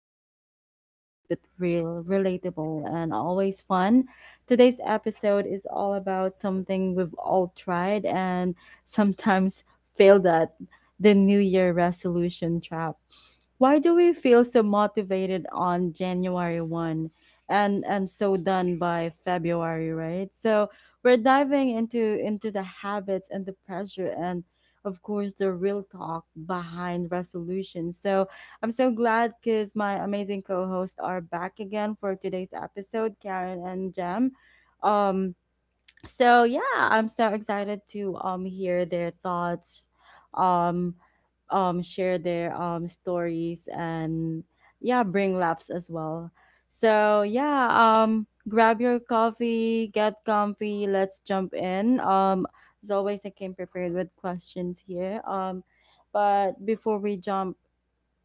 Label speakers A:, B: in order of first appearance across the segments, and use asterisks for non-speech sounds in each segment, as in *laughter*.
A: podcast where we keep it real, relatable, and always fun. Today's episode is all about something we've all tried and sometimes failed at: the New Year resolution trap. Why do we feel so motivated on January 1st and so done by February, right? So we're diving into the habits and the pressure and, of course, the real talk behind resolutions. So I'm so glad cuz my amazing co-hosts are back again for today's episode, Karen and Jam. Um so yeah, I'm so excited to hear their thoughts, um share their stories and yeah, bring laughs as well. So yeah, grab your coffee, get comfy, let's jump in. As always, I came prepared with questions here, but before we jump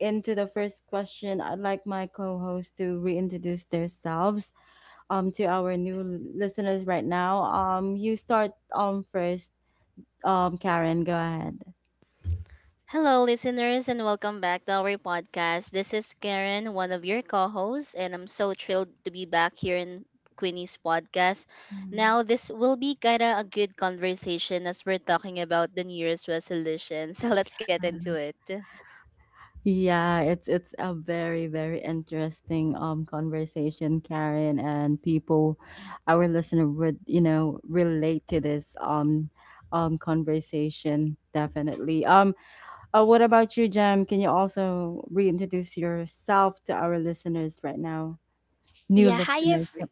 A: into the first question, I'd like my co host to reintroduce themselves to our new listeners right now. You start first, Karen, go ahead.
B: Hello, listeners, and welcome back to our podcast. This is Karen, one of your co hosts, and I'm so thrilled to be back here in Queenie's podcast.
A: Mhm.
B: Now, this will be kind of a good conversation as we're talking about the New Year's resolution. *laughs* So let's get into it.
A: Yeah, it's a very interesting conversation, Karen, and people, our listener would, you know, relate to this conversation definitely. What about you, Jem? Can you also reintroduce yourself to our listeners right now? New
C: Yeah, hi.
A: listeners. Yep.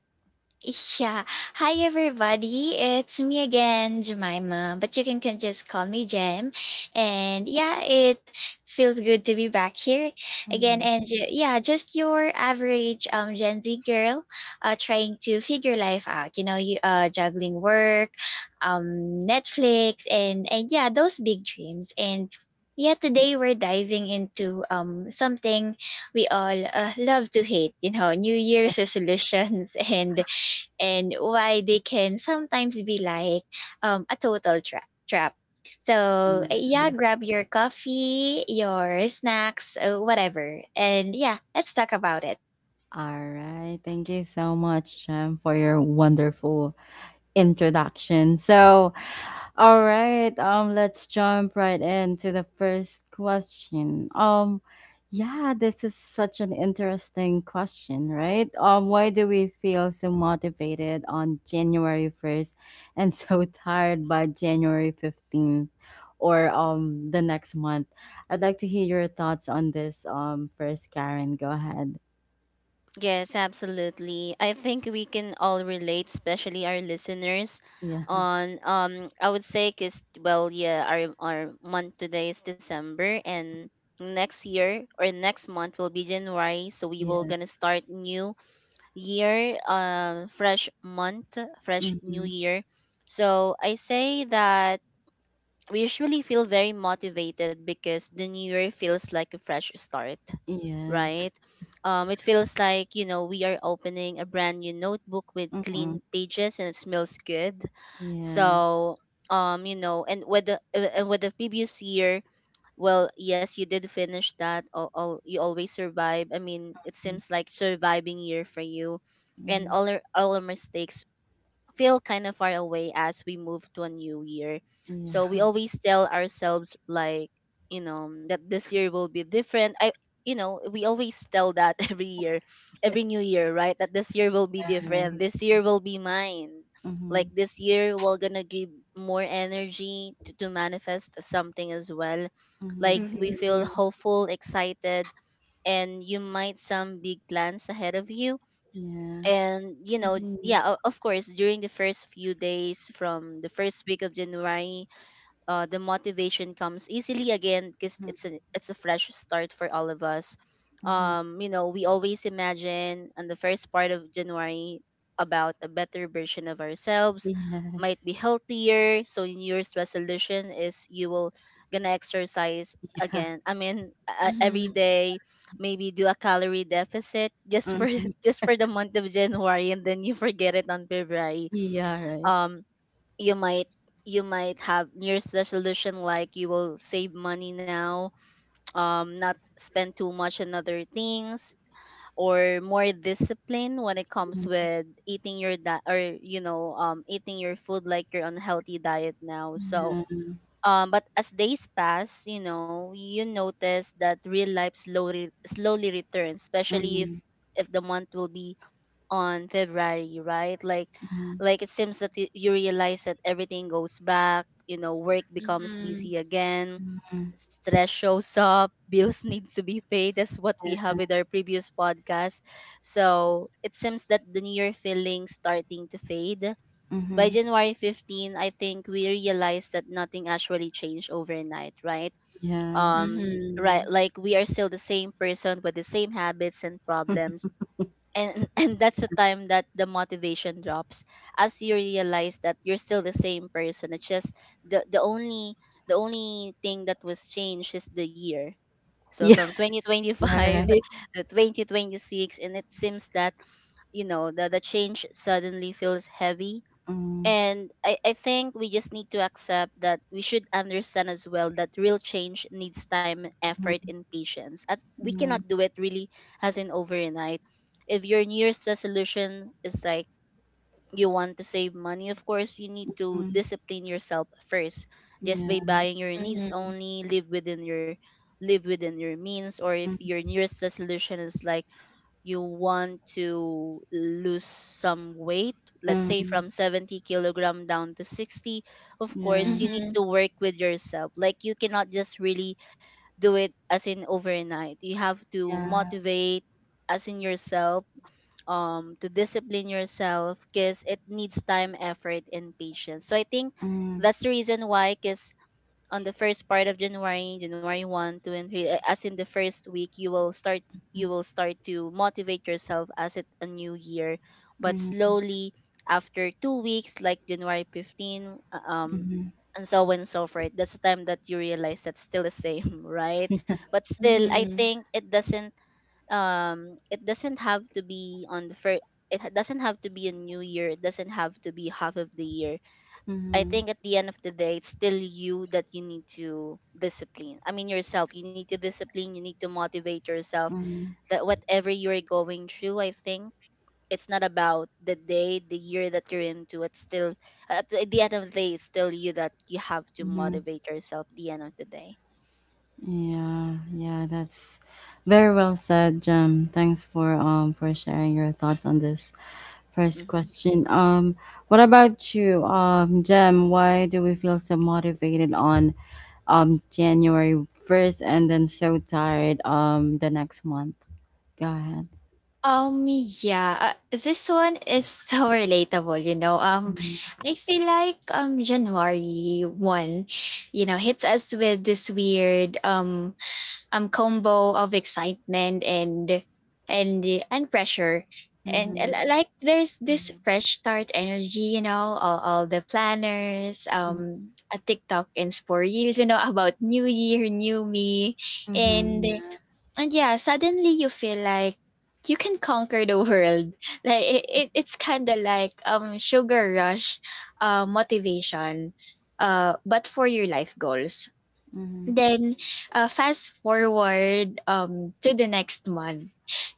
C: Yeah. Hi, everybody. It's me again, Jemima, but you can just call me Jem. And yeah, it feels good to be back here again.
A: Mhm.
C: Yeah, just your average Gen Z girl trying to figure life out, you know, you juggling work, um, Netflix, and yeah, those big dreams. And yeah, today we're diving into something we all love to hate, you know, New Year's resolutions *laughs* and why they can sometimes be like a total trap. So,
A: Yeah.
C: yeah, grab your coffee, your snacks, whatever. And yeah, let's talk about it.
A: All right. Thank you so much, Jem, for your wonderful introduction. So, all right, let's jump right into the first question. Yeah, this is such an interesting question, right? Why do we feel so motivated on January 1st and so *laughs* tired by January 15th? Or the next month, I'd like to hear your thoughts on this. First, Karen, go ahead. *laughs*
B: Yes, absolutely. I think we can all relate, especially our listeners.
A: Yeah,
B: On I would say, cause well, yeah, our month today is December, and next year or next month will be January. So we
A: yeah,
B: will gonna start new year, fresh month, fresh new
A: mm-hmm.
B: year. So I say that we usually feel very motivated because the new year feels like a fresh start,
A: Yes,
B: right? It feels like, you know, we are opening a brand new notebook with
A: mm-hmm.
B: clean pages and it smells good.
A: Yes.
B: So, you know, and with the previous year, well, yes, you did finish that. All you always survive. I mean, it seems like surviving year for you, and
A: Mhm.
B: all our mistakes feel kind of far away as we move to a new year. So we
A: Yeah. *laughs*
B: always tell ourselves like, you know, that this year will be different. I You know, we always tell that *laughs* every year, every
A: Yes.
B: new year, right? That this year will be different.
A: Alright.
B: This year will be mine. Like
A: Mhm.
B: this year we're gonna give more energy to manifest something as well. Like
A: Mhm.
B: we feel
C: Mm-hmm.
B: hopeful, excited, and you might some big plans ahead of you
A: Yeah.
B: and you know
C: Mm-hmm.
B: yeah of course during the first few days from the first week of January, the motivation comes easily again because
A: Mhm.
B: it's a fresh start for all of us.
A: Mhm.
B: You know, we always imagine on the first part of January about a better version of ourselves, might
A: Yes.
B: be healthier. So New Year's resolution is you will gonna exercise
A: Yeah.
B: again. I mean, every
C: Mm-hmm.
B: day, maybe do a calorie deficit just for
A: Mhm.
B: *laughs* just for the month of January, and then you forget it on February.
A: Yeah. Right.
B: Um, you might you might have New Year's resolution like you will save money now, not spend too much on other things, or more discipline when it comes
A: Mhm.
B: with eating your diet or you know eating your food like your unhealthy diet now. So
A: Yeah.
B: but as days pass, you know you notice that real life slowly slowly returns, especially
A: Mhm.
B: if the month will be on February, right?
A: Mhm.
B: Like it seems that you realize that everything goes back, you know, work becomes
C: Mm-hmm.
B: busy again,
A: Mhm.
B: stress shows up, *laughs* bills need to be paid. That's what we
A: Yeah.
B: have with our previous podcast. So it seems that the new year feeling starting to fade. By
A: Mhm.
B: January 15th, I think we realized that nothing actually changed overnight, right?
A: Yeah.
B: Right,
C: Mm-hmm.
B: like we are still the same person with the same habits and problems
A: *laughs*
B: and *laughs* and that's the time that the motivation drops as you realize that you're still the same person. It's just the the only the only thing that was changed is the year, so from
A: Yes. Yeah.
B: 2025
A: Right.
B: *laughs* to 2026. And it seems that you know the change suddenly feels heavy,
A: Mhm.
B: and I think we just need to accept that we should understand as well that real change needs time, effort,
A: Mhm.
B: and patience, as we cannot
A: Mhm.
B: do it really as in overnight. If your new year's resolution is like you want to save money, of course you need to
A: Mhm.
B: discipline yourself first, just
A: Yeah.
B: by buying your needs only. Live within your live within your means. Or if
A: Mhm.
B: your new year's resolution is like you want to lose some weight, let's say
A: Mhm.
B: from 70 kilogram down to 60, of
A: Yeah.
B: course, you need to work with yourself. Like you cannot just really do it as in overnight. You have to
A: Yeah.
B: motivate as in yourself, to discipline yourself because it needs time, effort, and patience. So I think
A: Mhm.
B: that's the reason why, because on the first part of January, January 1st, 2 and 3, as in the first week, you will start to motivate yourself as it a new year. But
A: Mhm.
B: slowly after 2 weeks like January 15th,
A: Mhm.
B: and so on and so forth. That's the time that you realize that's still the same, *laughs* right? But still I
C: Mm-hmm.
B: think it doesn't have to be on the first, doesn't have to be a new year. It doesn't have to be half of the year. I
A: Mhm.
B: think at the end of the day, it's still you that you need to discipline. I mean, yourself. You need to discipline. You need to motivate yourself,
A: Mhm.
B: that whatever you're going through, I think it's not about the day, the year that you're into. It's still, at the end of the day, it's still you that you have to
A: Mhm.
B: motivate yourself at the end of the day.
A: Yeah, yeah, that's very well said, Jem. Thanks for sharing your thoughts on this first
B: Mm-hmm.
A: question. What about you, Jem? Why do we feel so motivated on January 1st and then so tired the next month? Go ahead.
C: Yeah, this one is so *laughs* relatable, you know.
A: Mm-hmm.
C: I feel like January 1st, you know, hits us with this weird combo of excitement and and pressure and like there's this
B: Mm-hmm.
C: fresh start energy, you know, all the planners, a TikTok and for Reels, you know, *laughs* about new year, new me.
A: Mm-hmm.
C: And
A: Mm-hmm.
C: and Yeah, suddenly you feel like you can conquer the *laughs* world. Like it it's kind of like sugar rush motivation, but for your life goals.
A: Yeah. Mm-hmm.
C: Then fast forward to the next month.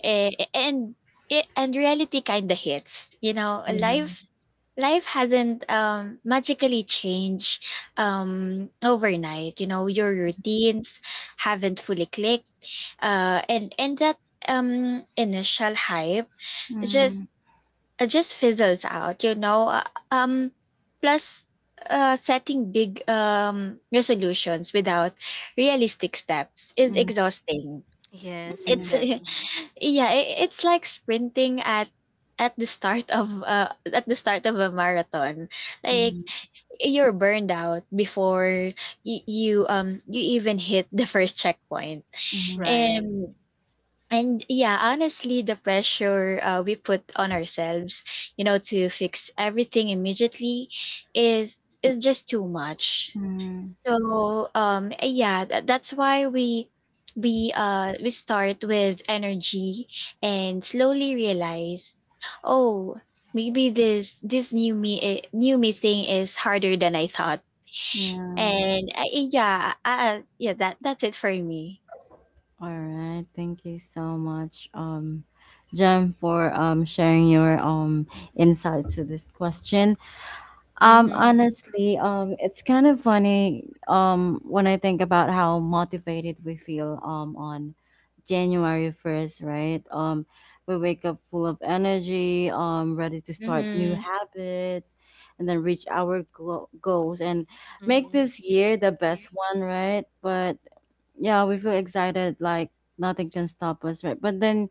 C: Eh, and it, and Reality kind of hits. You know,
A: Yeah.
C: life hasn't magically changed overnight. You know, your routines haven't fully clicked. And That initial hype just
A: Mm-hmm.
C: it just fizzles out, you know. Plus, setting big resolutions without realistic steps is exhausting.
B: Yes,
A: Mm-hmm.
C: It's *laughs*
B: exactly.
C: yeah, I it's like sprinting at at the start of a marathon. Like
A: Mm-hmm.
C: you're burned out before you even hit the first checkpoint.
A: Mm-hmm.
B: Right.
C: And and Yeah, honestly, the pressure we put on ourselves, you know, to fix everything immediately is is just too much.
A: Mm-hmm.
C: So yeah, that's why we start with energy and slowly realize, oh, maybe this new me new me thing is harder than I thought.
A: Yeah.
C: And yeah, that's it for me.
A: All right, thank you so much, Jem, for sharing your insight to this question.
C: Mhm.
A: Honestly, it's kind of funny when I think about how motivated we feel on January 1st, right? We wake up full of energy, ready to start new
C: Mhm.
A: habits, and then reach our goals and make
B: Mm-hmm.
A: this year the best one, right? But yeah, we feel excited like nothing can stop us, right? But then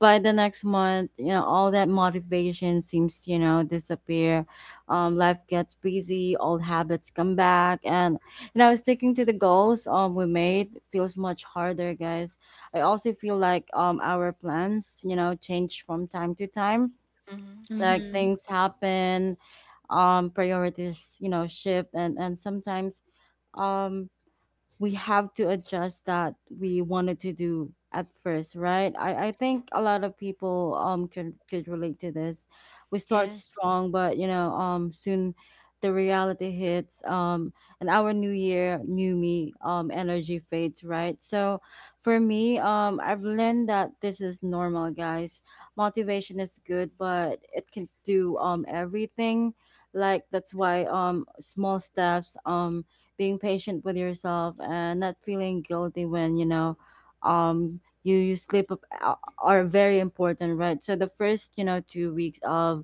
A: by the next month, you know, all that motivation seems to, you know, disappear. Life gets busy, old habits come back, and you know, sticking to the goals we made feels much harder, guys. I also feel like our plans, you know, change from time to time.
B: Mm-hmm.
A: Like
C: Mhm.
A: things happen, priorities, you know, shift, and sometimes um we have to adjust that we wanted to do at first, right? I think a lot of people can could relate to this. We start
B: Yes.
A: strong, but you know, soon the reality hits, and our new year, new me, energy fades, right? So for me, I've learned that this is normal, guys. Motivation is good, but it can do everything. Like that's why small steps, being patient with yourself and not feeling guilty when you know you slip up are very important. Right, so the first, you know, 2 weeks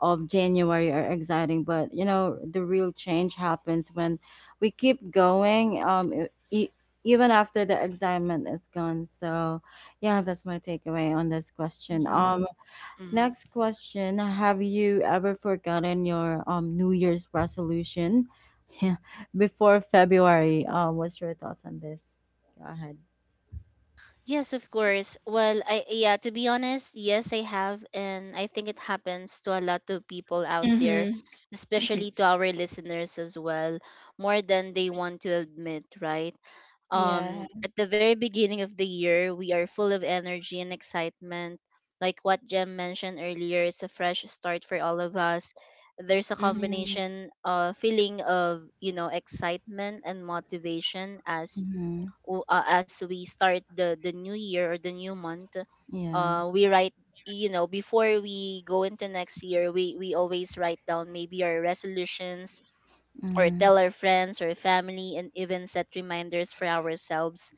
A: of january are exciting, but you know the real change happens when we keep going e- even after the excitement is gone. So yeah, that's my takeaway on this question.
C: Mhm.
B: Mm-hmm.
A: Next question, have you ever forgotten your New Year's resolution *laughs* before February? What's your thoughts on this? Go ahead.
B: Yes, of course. Well, I yeah, to be honest, yes, I have, and I think it happens to a lot of people out there,
C: Mhm.
B: especially
C: *laughs*
B: to our listeners as well, more than they want to admit, right?
C: Yeah.
B: At the very beginning of the year, we are full of energy and excitement. Like what Jem mentioned earlier, it's a fresh start for all of us. There's a
C: Mhm.
B: combination feeling of, you know, excitement and motivation as
A: Mm-hmm.
B: as we start the new year or the new month.
A: Yeah.
B: We write, you know, before we go into next year, we always write down maybe our resolutions or
A: Mm-hmm.
B: tell our friends or family and even set reminders for ourselves.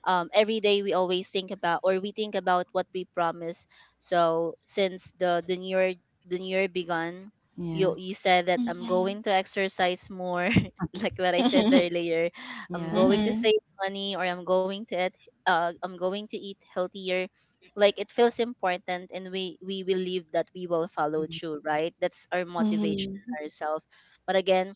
B: Um, every day we always think about or we think about what we promise. So since the new year, the new year began,
A: Yeah.
B: you said that I'm
C: Mhm.
B: going to exercise more *laughs* like what I said
C: Mhm.
B: earlier. I'm
A: Yeah.
B: going to
C: Mhm.
B: save money or I'm going to eat, I'm going to eat healthier. Like it feels important and we believe that we will follow through, right? That's our motivation
C: Mhm.
B: ourselves. But again,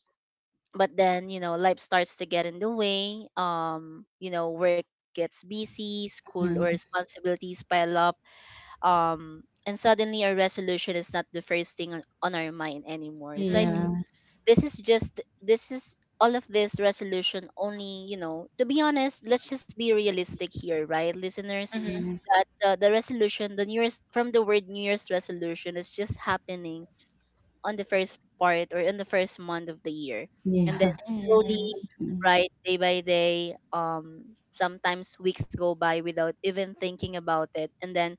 B: but then, you know, life starts to get in the way. Um, you know, work gets busy, school or
A: Mm-hmm.
B: responsibilities pile up, um, and suddenly a resolution is not the first thing on our mind anymore. So I think
C: Mhm.
A: Yes.
B: this is all of this resolution only, you know, to be honest, let's just be realistic here, right, listeners?
C: Mhm.
A: Mm-hmm.
B: That the new year's, from the word new year's resolution, is just happening on the first part or in the first month of the year. And then
A: Yeah. *laughs*
C: Mhm.
B: slowly,
A: Something.
B: right, day by day, um, sometimes weeks go by without even thinking about it. And then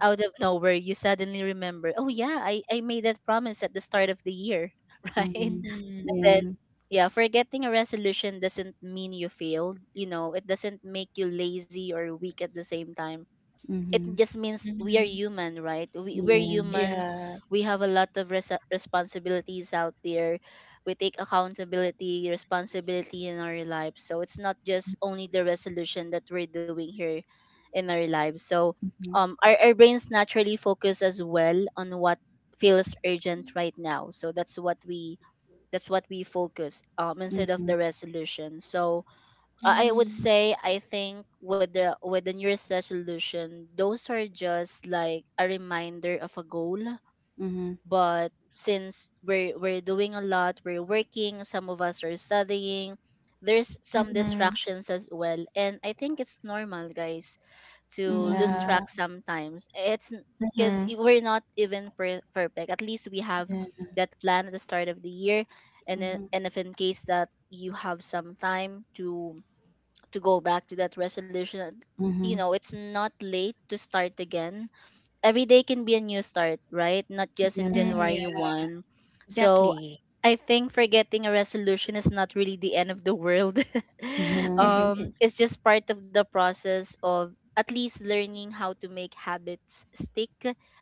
B: out of nowhere, you suddenly remember, oh yeah, I made that promise at the start of the year. *laughs* Right?
A: Mm-hmm.
B: And then
A: Yeah.
B: yeah, forgetting a resolution doesn't mean you failed. You know, it doesn't make you lazy or weak. At the same time, it
A: Mm-hmm.
B: just means we are
C: Mhm.
B: human, right? We're human.
A: Yes.
C: Yeah.
B: We have a lot of res- responsibilities out there. We take accountability, responsibility in our lives, so it's not just only the resolution that we're doing here in our lives. So
A: Mm-hmm.
B: um, our brains naturally focus as well on what feels urgent right now. So that's what we, that's what we focus instead of
A: Mm-hmm.
B: the resolution. So I would
C: Mhm.
B: say I think with the New Year's resolution, those are just like a reminder of a goal.
A: Mm-hmm.
B: But since we're doing a lot, we're working, some of us are studying, there's some
C: Mhm.
B: distractions as well. And I think it's normal, guys, to lose
A: Mm-hmm.
C: Yeah.
B: track sometimes. It's because
C: Mhm.
B: we're not even per- perfect. At least we have
A: Yeah.
B: that plan at the start of the year.
A: Mm-hmm.
B: And if in case that you have some time to go back to that resolution, you
A: Mm-hmm.
B: know, it's not late to start again. Every day can be a new start, right? Not just in
A: Yeah.
C: Mm,
B: January
C: yeah.
B: 1. So
C: Exactly.
B: I think forgetting a resolution is not really the end of the world. *laughs*
A: Yeah.
B: Um,
C: Mhm.
B: it's just part of the process of at least learning how to make habits stick.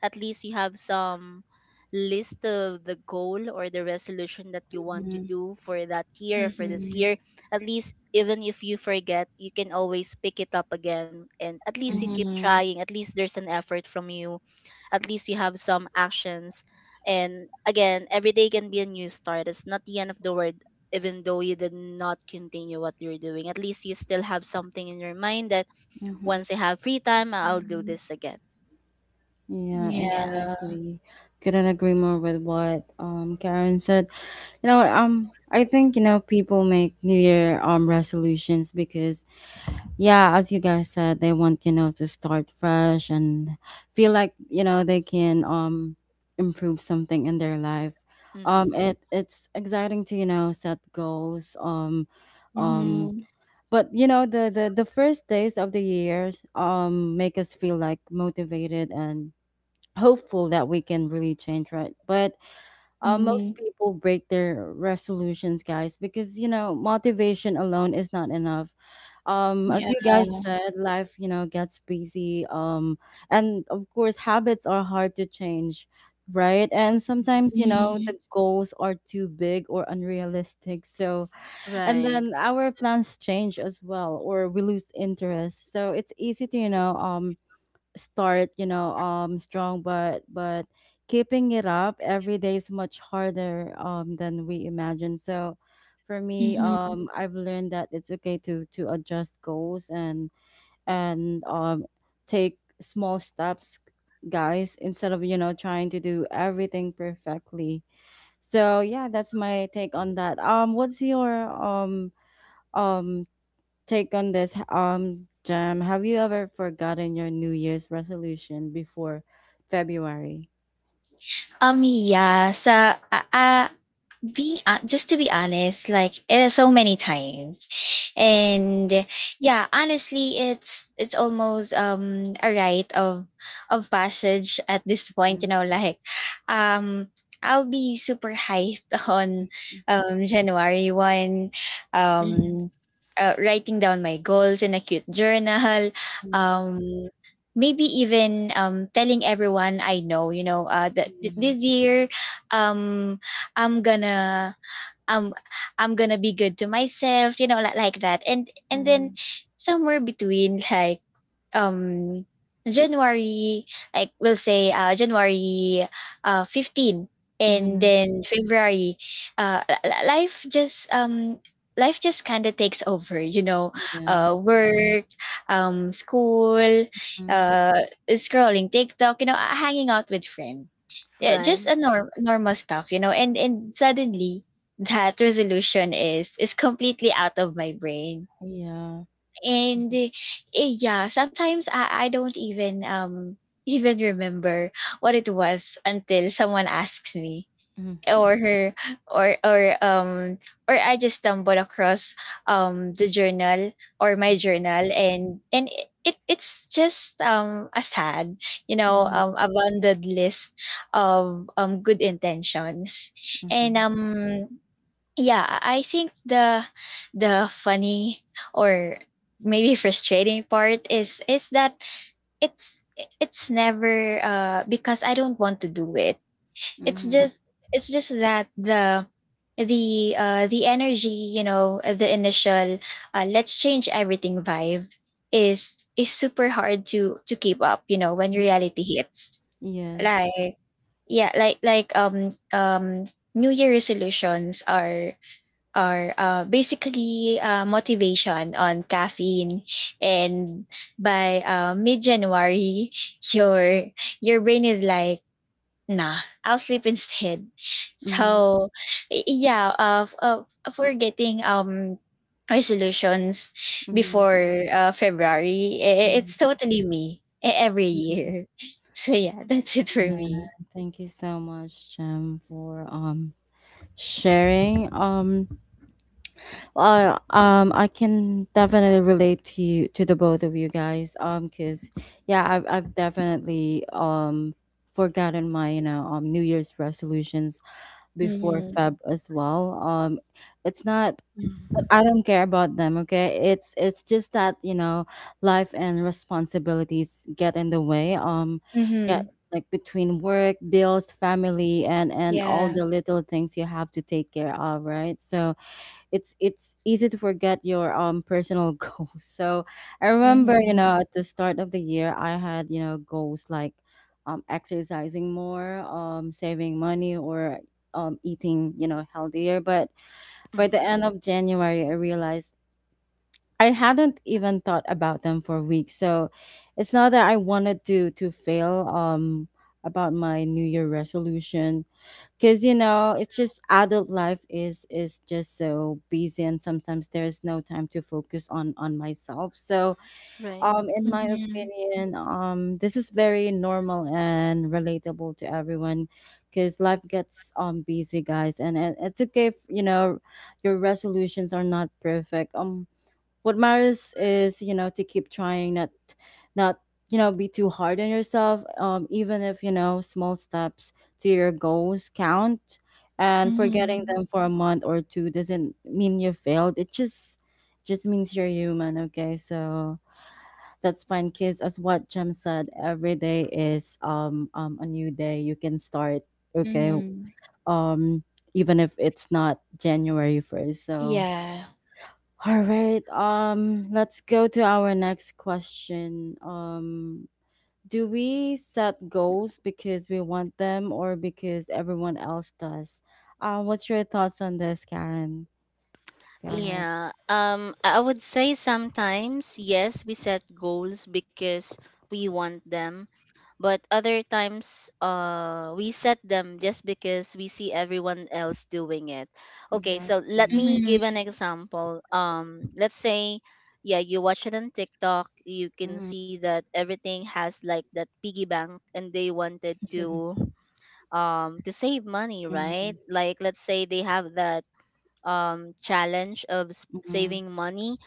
B: At least you have some list of the goal or the resolution that you want to
A: Mm-hmm.
B: do for that year, for this year,
C: Mhm.
B: at least even if you forget you can always pick it up again, and at least you keep
C: Mhm.
B: trying. At least there's an effort from you, at least you have some actions. And again, every day can be a new start, it's not the end of the world. Even though you did not continue what you're doing, at least you still have something in your mind that
A: Mhm.
B: once I have free time, I'll do
C: Mhm.
B: this again.
A: Yeah,
C: Yeah.
B: Yeah,
A: exactly. Couldn't agree more with what Karen said. You know, I think you know people make New Year resolutions because, yeah, as you guys said, they want, you know, to start fresh and feel like you know they can improve something in their life.
B: mm-hmm.
A: It it's exciting to, you know, set goals. Um,
C: Mhm.
A: but you know the the first days of the years make us feel like motivated and hopeful that we can really change, right? But most
C: Mhm.
A: people break their resolutions, guys, because you know motivation alone is not enough, as you
C: Yeah.
A: guys said, life, you know, gets busy, and of course habits are hard to change, right? And sometimes you know
C: Mhm.
A: the goals are too big or unrealistic. So and
B: Right.
A: then our plans change as well, or we lose interest. So it's easy to, you know, start, you know, strong, but keeping it up every day is much harder than we imagine. So for me,
C: Mhm.
A: I've learned that it's okay to adjust goals and and um take small steps, guys, instead of you know trying to do everything perfectly. So yeah, that's my take on that. What's your um take on this, Jam? Have you ever forgotten your new year's resolution before February?
C: Yeah. So, uh, being just to be honest, like, so many times. And yeah, honestly, it's almost a rite of passage at this point, you
A: Mhm,
C: know. Like um I'll be super hyped *laughs* on January 1st,
B: Hmm.
C: um writing down my goals in a cute journal,
A: mhm,
C: um maybe even telling everyone I know, you know,
A: yeah,
C: this year, um I'm gonna, I'm, I'm gonna be good to myself, you know, like that. And Then
A: mhm,
C: somewhere between, like, um January, like we'll say January 15th, and
A: mhm,
C: then February, uh li- li- life just um life just kind of takes over, you know,
A: yeah,
C: uh, work, um, school,
A: mhm,
C: uh scrolling TikTok, you know, hanging out with friends. Yeah, just
B: Right.
C: a normal stuff, you know, and suddenly that resolution is completely out of my brain.
A: yeah,
C: and
A: mhm,
C: eh, yeah, sometimes I don't even *laughs* even remember what it was until someone asks me
A: mhm,
C: or her or I just stumble across the journal or my journal. And it, it It's just a sad, you know,
A: mhm,
C: abundant list of good intentions. And Yeah, I think the funny or maybe frustrating part is that it's it's never because I don't want to do it. It's
A: mhm,
C: just it's just that the energy, you know, the initial let's change everything vibe is super hard to keep up, you know, when
A: mhm,
C: reality hits.
A: yes,
C: Like yeah, New Year resolutions are, or basically, motivation on caffeine. And by mid-January, your your brain is like, nah, I'll sleep instead.
A: mhm,
C: So yeah, for getting resolutions
A: mhm,
C: before February,
A: mhm.
C: it's totally me every year. *laughs* So yeah, that's it for
A: Yeah,
C: me.
A: thank you so much, Jem, for sharing. Well, I can definitely relate to you, to the both of you guys. Cause yeah, I've definitely forgotten my, you know, New Year's resolutions before
C: Mm-hmm.
A: Feb as well. It's not
B: Mhm.
A: I don't care about them, okay? It's just that, you know, life and responsibilities get in the way. Yeah,
C: Mm-hmm.
A: like between work, bills, family, and all
C: Yeah.
A: the little things you have to take care of, right? So it's easy to forget your personal *laughs* goals. So I remember, you
C: Mm-hmm.
A: know, at the start of the year I had, you know, goals like exercising more, saving money, or eating, you know, healthier, but by the
B: Mhm.
A: end of January, I realized I hadn't even thought about them for weeks. So it's not that I wanted to fail about my New Year resolution, because you know it's just adult life is just so busy and sometimes there's no time to focus on myself. So
B: Right.
A: in my
C: Mm-hmm.
A: opinion, this is very normal and relatable to everyone because life gets busy, guys, and it's okay if you know your resolutions are not perfect. What matters is you know to keep trying, not you know be too hard on yourself. Even if you know small steps to your goals count, and forgetting
C: Mm-hmm.
A: them for a month or two doesn't mean you failed. It just means you're human. Okay, so that's fine, because as what Jem said, every day is a new day. You can start, okay?
C: Mhm.
A: Um, even if it's not January 1st. So
C: Yeah.
A: all right, let's go to our next question. Do we set goals because we want them or because everyone else does? What's your thoughts on this, Karen? Go ahead.
B: Yeah. I would say sometimes, yes, we set goals because we want them, but other times, we set them just because we see everyone else doing it. Okay, so let
A: Exactly.
B: me
C: Mhm.
B: give an example. Let's say, yeah, you watch it on TikTok, you can see
A: Mm-hmm.
B: that everything has like that piggy bank, and they wanted
A: *laughs*
B: to, um, to save money,
A: Mm-hmm.
B: right? Like, let's say they have that challenge of
A: Mm-hmm.
B: saving money,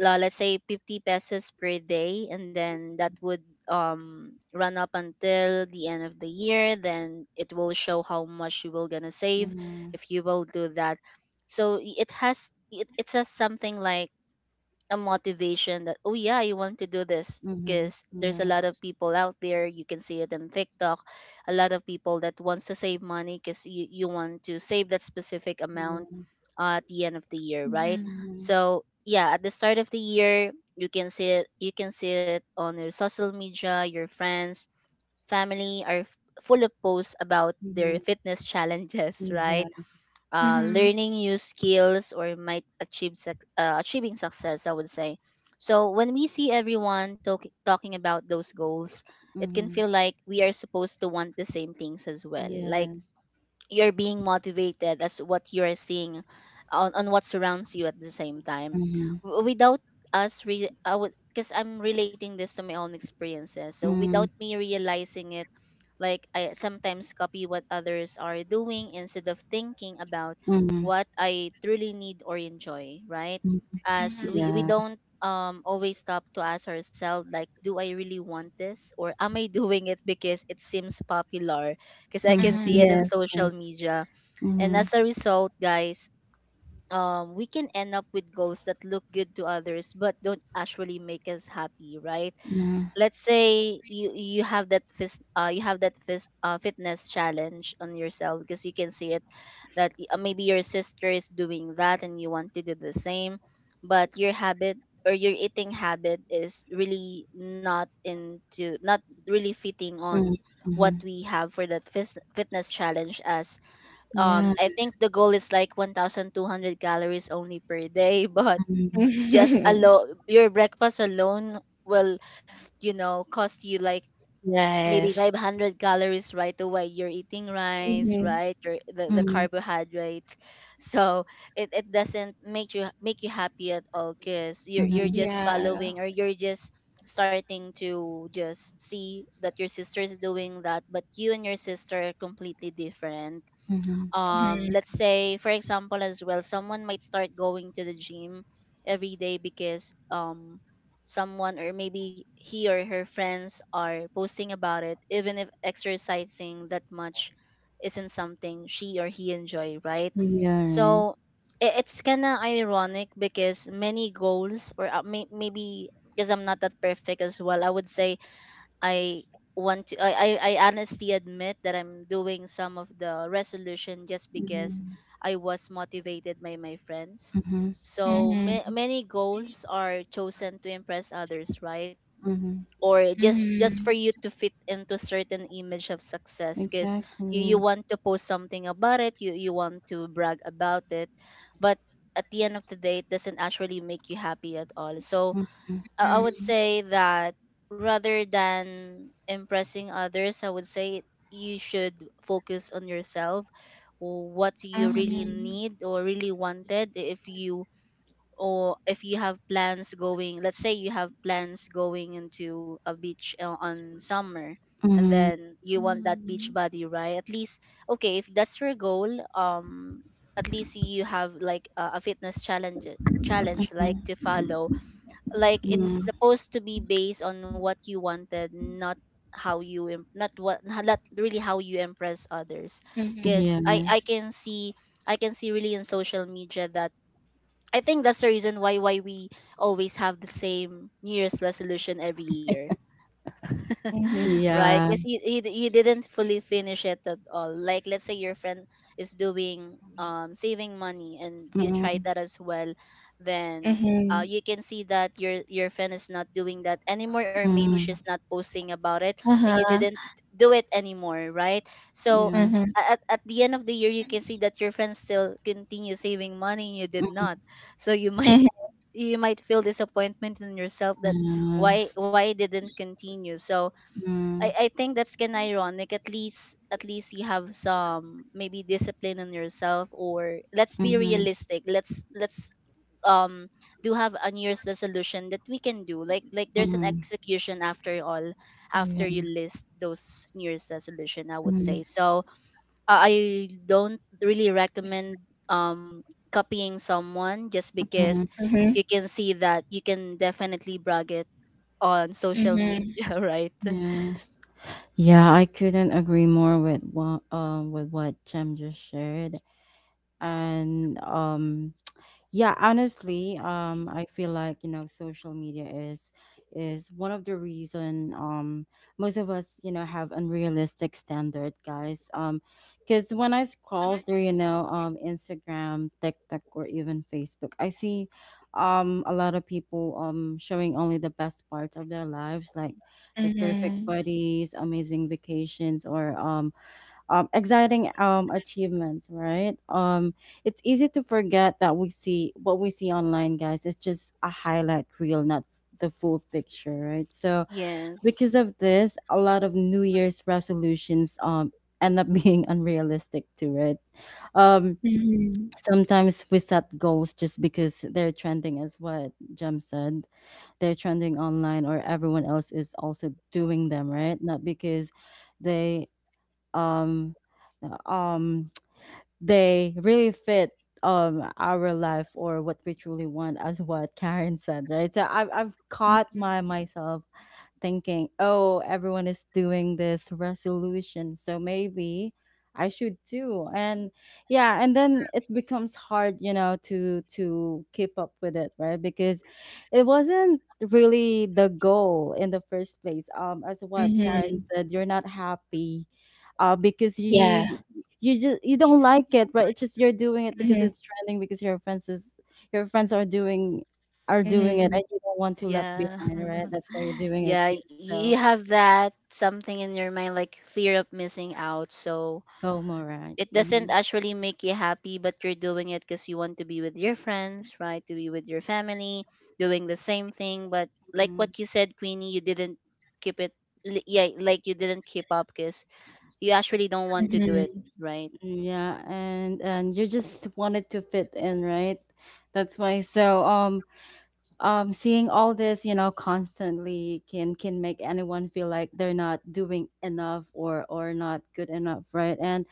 B: let's say 50 pesos per day, and then that would run up until the end of the year. Then it will show how much you will gonna save if you will do that. So it has it says something like a motivation that, oh yeah, you want to do this
A: Mm-hmm.
B: because there's a
A: Yeah.
B: lot of people out there, you can see it in TikTok. A lot of people that wants to save money because you want to save that specific
A: Yeah.
B: amount at the end of the year, right?
C: Mhm.
A: Mhm.
B: So yeah, at the start of the year you can see it, you can see it on your social media. Your friends, family are full of posts about their
A: Mhm.
B: fitness *laughs* challenges, right?
A: Yeah.
C: Mhm.
B: Learning new skills or might achieve suc achieving success, I would say. So when we see everyone talking about those goals, it can
A: Mhm.
B: feel like we are supposed to want the same things as well. Like,
A: Yes.
B: you're being motivated as what you're seeing on what surrounds you at the same time.
A: Mhm.
B: Without I would, because I'm relating this to my own experiences, so without
A: Mm.
B: me realizing it, like, I sometimes copy what others are doing instead of thinking about
A: Mhm.
B: what I truly need or enjoy, right?
A: Mm.
B: As we
C: Mhm.
A: Yeah.
B: don't always stop to ask ourselves, like, do I really want this, or am I *laughs* doing it because it seems popular, because I can
A: Mm.
B: see it
C: Mhm.
B: in
A: Yes.
B: social
A: Yes.
B: media? And
A: Mhm.
B: as a result, guys, we can end up with goals that look good to others but don't actually make us happy, right?
A: Nah.
B: Let's say you have that you have that fitness challenge on yourself because you can see it that maybe your sister is doing that and you want to do the same, but your habit or your eating habit is really not into, not really fitting
A: Mhm.
B: on what
A: Mm.
B: we have for that fitness challenge. As
A: Mhm. Yeah.
B: I think the goal is like 1200 calories only per day, *laughs* but
A: Mhm.
B: just
C: *laughs*
B: alone your breakfast alone will, you know, cost you like maybe
C: Yes.
B: 500 calories right away. You're eating rice,
C: Mhm.
B: right? The
A: Mhm.
B: carbohydrates. So it doesn't make you happy at all because you're
A: Mhm.
B: just
C: Yeah.
B: following, or you're just starting to just see that your sister is doing that, but you and your sister are completely different.
A: Mhm.
B: Let's
C: Mhm.
B: say for example as well, someone might start going to the gym every day because someone or maybe he or her friends are posting about it, even if exercising that much isn't something she or he enjoy, right?
A: Yeah. Right.
B: So it's kind of ironic because many goals, or maybe because I'm not that perfect as well, I would say I want to I I honestly admit that I'm doing some of the resolution just because
A: Mhm.
B: I was motivated by my friends.
A: Mhm.
B: So
C: Mhm.
B: many goals are chosen to impress others, right?
A: Mhm.
B: Or just for
C: Mhm.
B: you to fit into certain image of success because you
A: Exactly.
B: want to post something about it, you want to brag about it. But at the end of the day, it doesn't actually make you happy at all. So
A: Mhm.
B: I would say that rather than impressing others, I would say you should focus on yourself, what you really
C: Mhm.
B: need or really wanted. If you, or if you have plans going, let's say you have plans going into a beach on summer, and
A: Mhm.
B: then you want that beach
C: Mhm.
B: body, right? At least, okay, if that's your goal, um, at least you have like a fitness challenge like
A: Mhm.
B: to follow, like it's
A: Mhm.
B: supposed to be based on what you wanted, not how you not what, not really how you impress others, because
C: Mhm.
B: I
A: Yes.
B: can see, I can see really in social media that, I think that's the reason why we always have the same New Year's resolution every year. *laughs*
C: Mhm.
B: Right?
A: Yeah.
B: Because you you didn't fully finish it at all. Like, let's say your friend is doing saving money and you
A: Mhm.
B: tried that as well, then
C: Mhm. Mhm.
B: you can see that your friend is not doing that anymore, or maybe she's
A: Mhm.
B: not posting about it, and you
C: Uh-huh.
B: didn't do it anymore, right? So
A: Yeah.
C: Mhm.
B: at the end of the year you can see that your friend still continue saving money and you did not, so you *laughs* might, you might feel disappointment in yourself that why
A: Yes.
B: why it didn't continue. So
A: Mm.
B: I think that's kind of ironic. At least, at least you have some maybe discipline on yourself, or let's be
A: Mhm.
B: realistic. Let's um do have a New Year's resolution that we can do. Like there's an
A: Mhm.
B: execution after all, after you
A: Yeah.
B: list those New Year's resolution, I would
A: Mhm.
B: say so. I don't really recommend um copying someone just because
C: Mhm.
B: you can see that you can definitely brag it on social
C: Mhm.
B: media, *laughs* right?
A: Yes. Yeah, I couldn't agree more with what Chem just shared. And yeah, honestly, I feel like, you know, social media is one of the reason most of us, you know, have unrealistic standard, guys. Because when I scroll through, you know, Instagram, TikTok, or even Facebook, I see a lot of people showing only the best parts of their lives, like the perfect
C: Mhm.
A: bodies, amazing vacations, or exciting achievements, right? It's easy to forget that we see what we see online, guys. It's just a highlight reel, not the full picture, right? So
B: Yes.
A: because of this, a lot of New Year's resolutions end up *laughs* being unrealistic too, right? Um,
C: Mhm.
A: Sometimes we set goals just because they're trending, as what Jem said, they're trending online or everyone else is also doing them, right? Not because they um um *tsk* they really fit our life or what we truly want, as what Karen said, right? So I've
C: Mhm.
A: caught my
C: Mhm.
A: myself thinking, oh, everyone is doing this resolution, so maybe I should too. And yeah, and then it becomes hard, you know, to keep up with it, right? Because it wasn't really the goal in the first place, as what Karen
C: Mhm.
A: said, you're not happy, because
C: Yeah.
A: you just you don't like it, right? It's just you're doing it because
C: Mhm.
A: it's trending, because your friends is your friends are doing it,
C: Mhm.
A: and you don't want to left
B: Yeah.
A: behind, right?
B: *laughs*
A: That's why you're doing it
B: Yeah,
A: too.
B: you
A: So
B: have that something in your mind like fear of missing out. So
A: FOMO, right?
B: it doesn't actually make you happy, but you're doing it because you want to be with your friends, right? To be with your family, doing the same thing. But like
A: Hmm
B: what you said, Queenie, you didn't keep it. Yeah, like you didn't keep up because you actually don't want to do it, right?
A: Yeah, and you just wanted to fit in, right? That's why. So seeing all this, you know, constantly can make anyone feel like they're not doing enough, or not good enough, right? And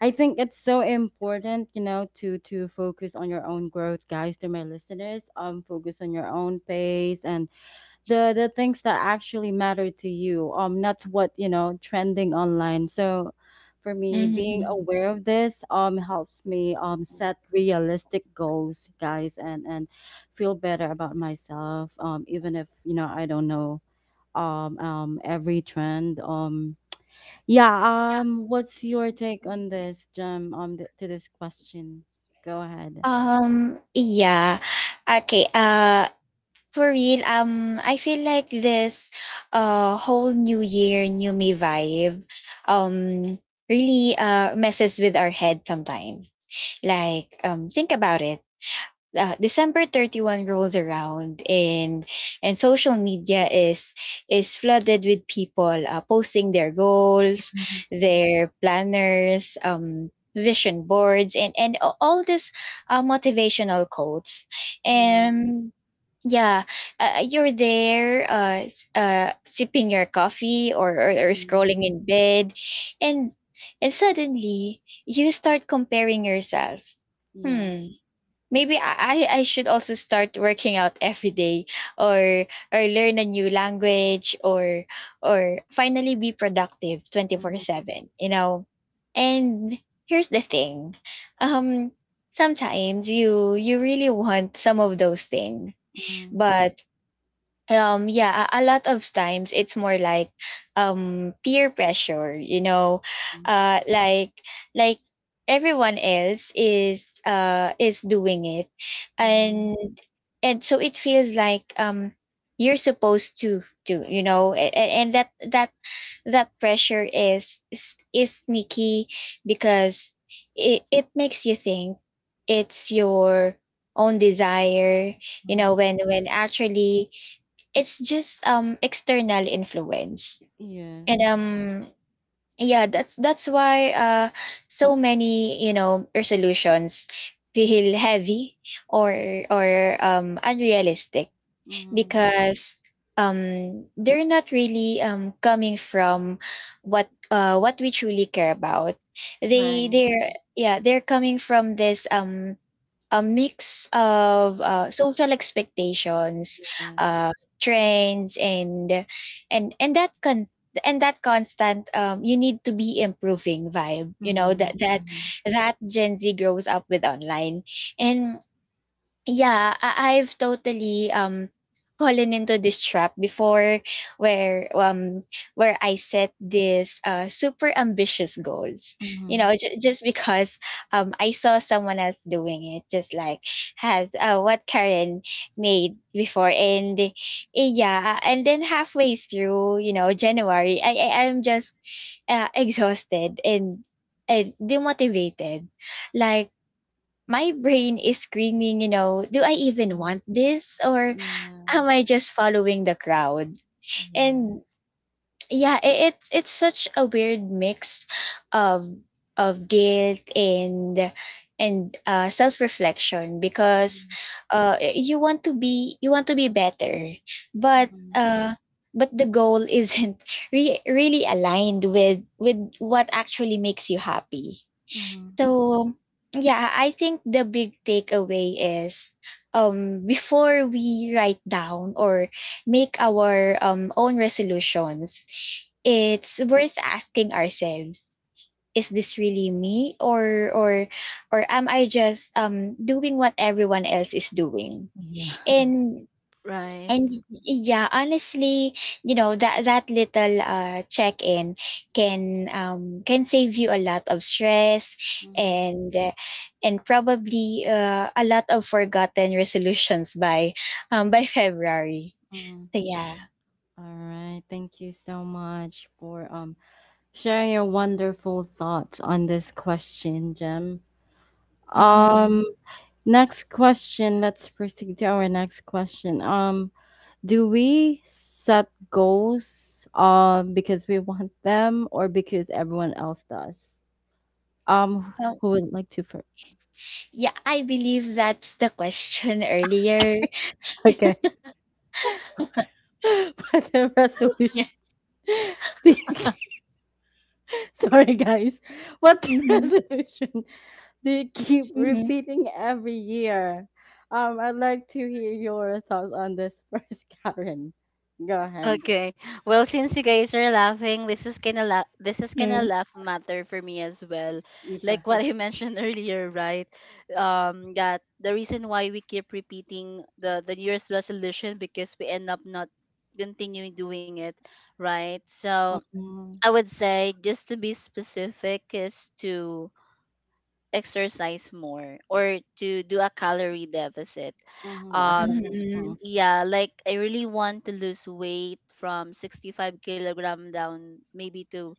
A: I think it's so important, you know, to focus on your own growth, guys, to my listeners. Focus on your own pace and the things that actually matter to you. Not what you know trending online. So, for me, being
C: Mhm.
A: aware of this helps me set realistic goals, guys, and feel better about myself. Even if you know I don't know every trend. Yeah, what's your take
C: Mhm.
A: on this, Jem, to this question? Go ahead.
C: Yeah. Okay, for real, I feel like this whole new year, new me vibe um really messes with our head sometimes. Like think about it. December 31st rolls around and social media is flooded with people posting their goals,
A: Mhm.
C: their planners, vision boards, all this motivational quotes.
A: Yeah.
C: And yeah, you're there, sipping your coffee, or
A: Hmm.
C: scrolling in bed, and and suddenly you start comparing yourself. Hmm,
A: Yes.
C: maybe I should also start working out every day, or or learn a new language, or finally be productive
A: Mm-hmm.
C: 24/7, you know. And Here's the thing, um sometimes you really want some of those things,
A: Mm-hmm.
C: but yeah, a lot of times it's more like peer pressure, you know, uh, like like everyone else is doing it,
A: Mm-hmm.
C: and and so it feels like you're supposed to do, you know, and that that that pressure is sneaky because it makes you think it's your own desire, you know, when actually it's just external influence. And
A: Yes.
C: Yeah, that's why so many, you know, resolutions feel heavy or or unrealistic
A: Mm-hmm.
C: because they're not really coming from what we truly care about. They
B: Right,
C: they're Yeah, they're coming from this a mix of social expectations,
A: Yes.
C: uh, trends, and that constant you need to be improving vibe. You know
A: Mm-hmm. Mm-hmm.
C: that Gen Z grows up with online. And yeah, I've totally fallen into this trap before, where um where I set this super ambitious goals. You
A: Mm-hmm.
C: know, just because I saw someone else doing it, just like has what Karen made before. Yeah, and then halfway through, you know, January, I'm just exhausted and demotivated. Like my brain is screaming, you know, do I even
A: Mm-hmm.
C: want this, or
A: Yeah.
C: am I just following the crowd? And
A: Yes.
C: Yeah, it's such a weird mix of guilt and self reflection because you want to be better, but
A: Mm-hmm.
C: uh, but the goal *laughs* isn't really aligned with what actually makes you happy.
A: Mm-hmm.
C: So, yeah, I think the big takeaway is, before we write down or make our own resolutions, it's worth asking ourselves, is this really me, or am I just doing what everyone else is doing?
A: Yeah. *laughs*
C: And
B: right.
C: and y yeah, honestly, you know, that little check-in can save you a lot of stress
A: Mm-hmm.
C: and uh, and probably a lot of forgotten resolutions by February.
A: Mm-hmm.
C: So yeah.
A: All right. Thank you so much for share your wonderful thoughts on this question, Jem.
C: Mhm.
A: Um, Next question. Let's proceed to our next question. Do we set goals because we want them or because everyone else does? Um,
C: Oh,
A: who would like to first?
C: yeah, I believe that's the question earlier.
A: Okay, *laughs* by the resolution. *laughs* Do you Sorry, guys.
C: *laughs*
A: What *laughs*
C: Mhm.
A: resolution do you keep
C: Mhm.
A: repeating every year? I'd like to hear your thoughts on this first, *laughs* Karen. Go ahead.
B: Okay. Well, since you guys are laughing, this is kind of this is kind of
C: Mhm.
B: laugh matter for me as well.
A: Yeah.
B: Like what I mentioned *laughs* earlier, right? That the reason why we keep repeating the New Year's resolution because we end up not continuing doing it, right? So
A: Mm-hmm.
B: I would say just to be specific is to exercise more or to do a calorie deficit.
A: Mm-hmm. Wow.
B: Um,
A: Mm-hmm.
C: Mhm.
B: yeah, like I really want to lose weight from 65 kilogram down maybe to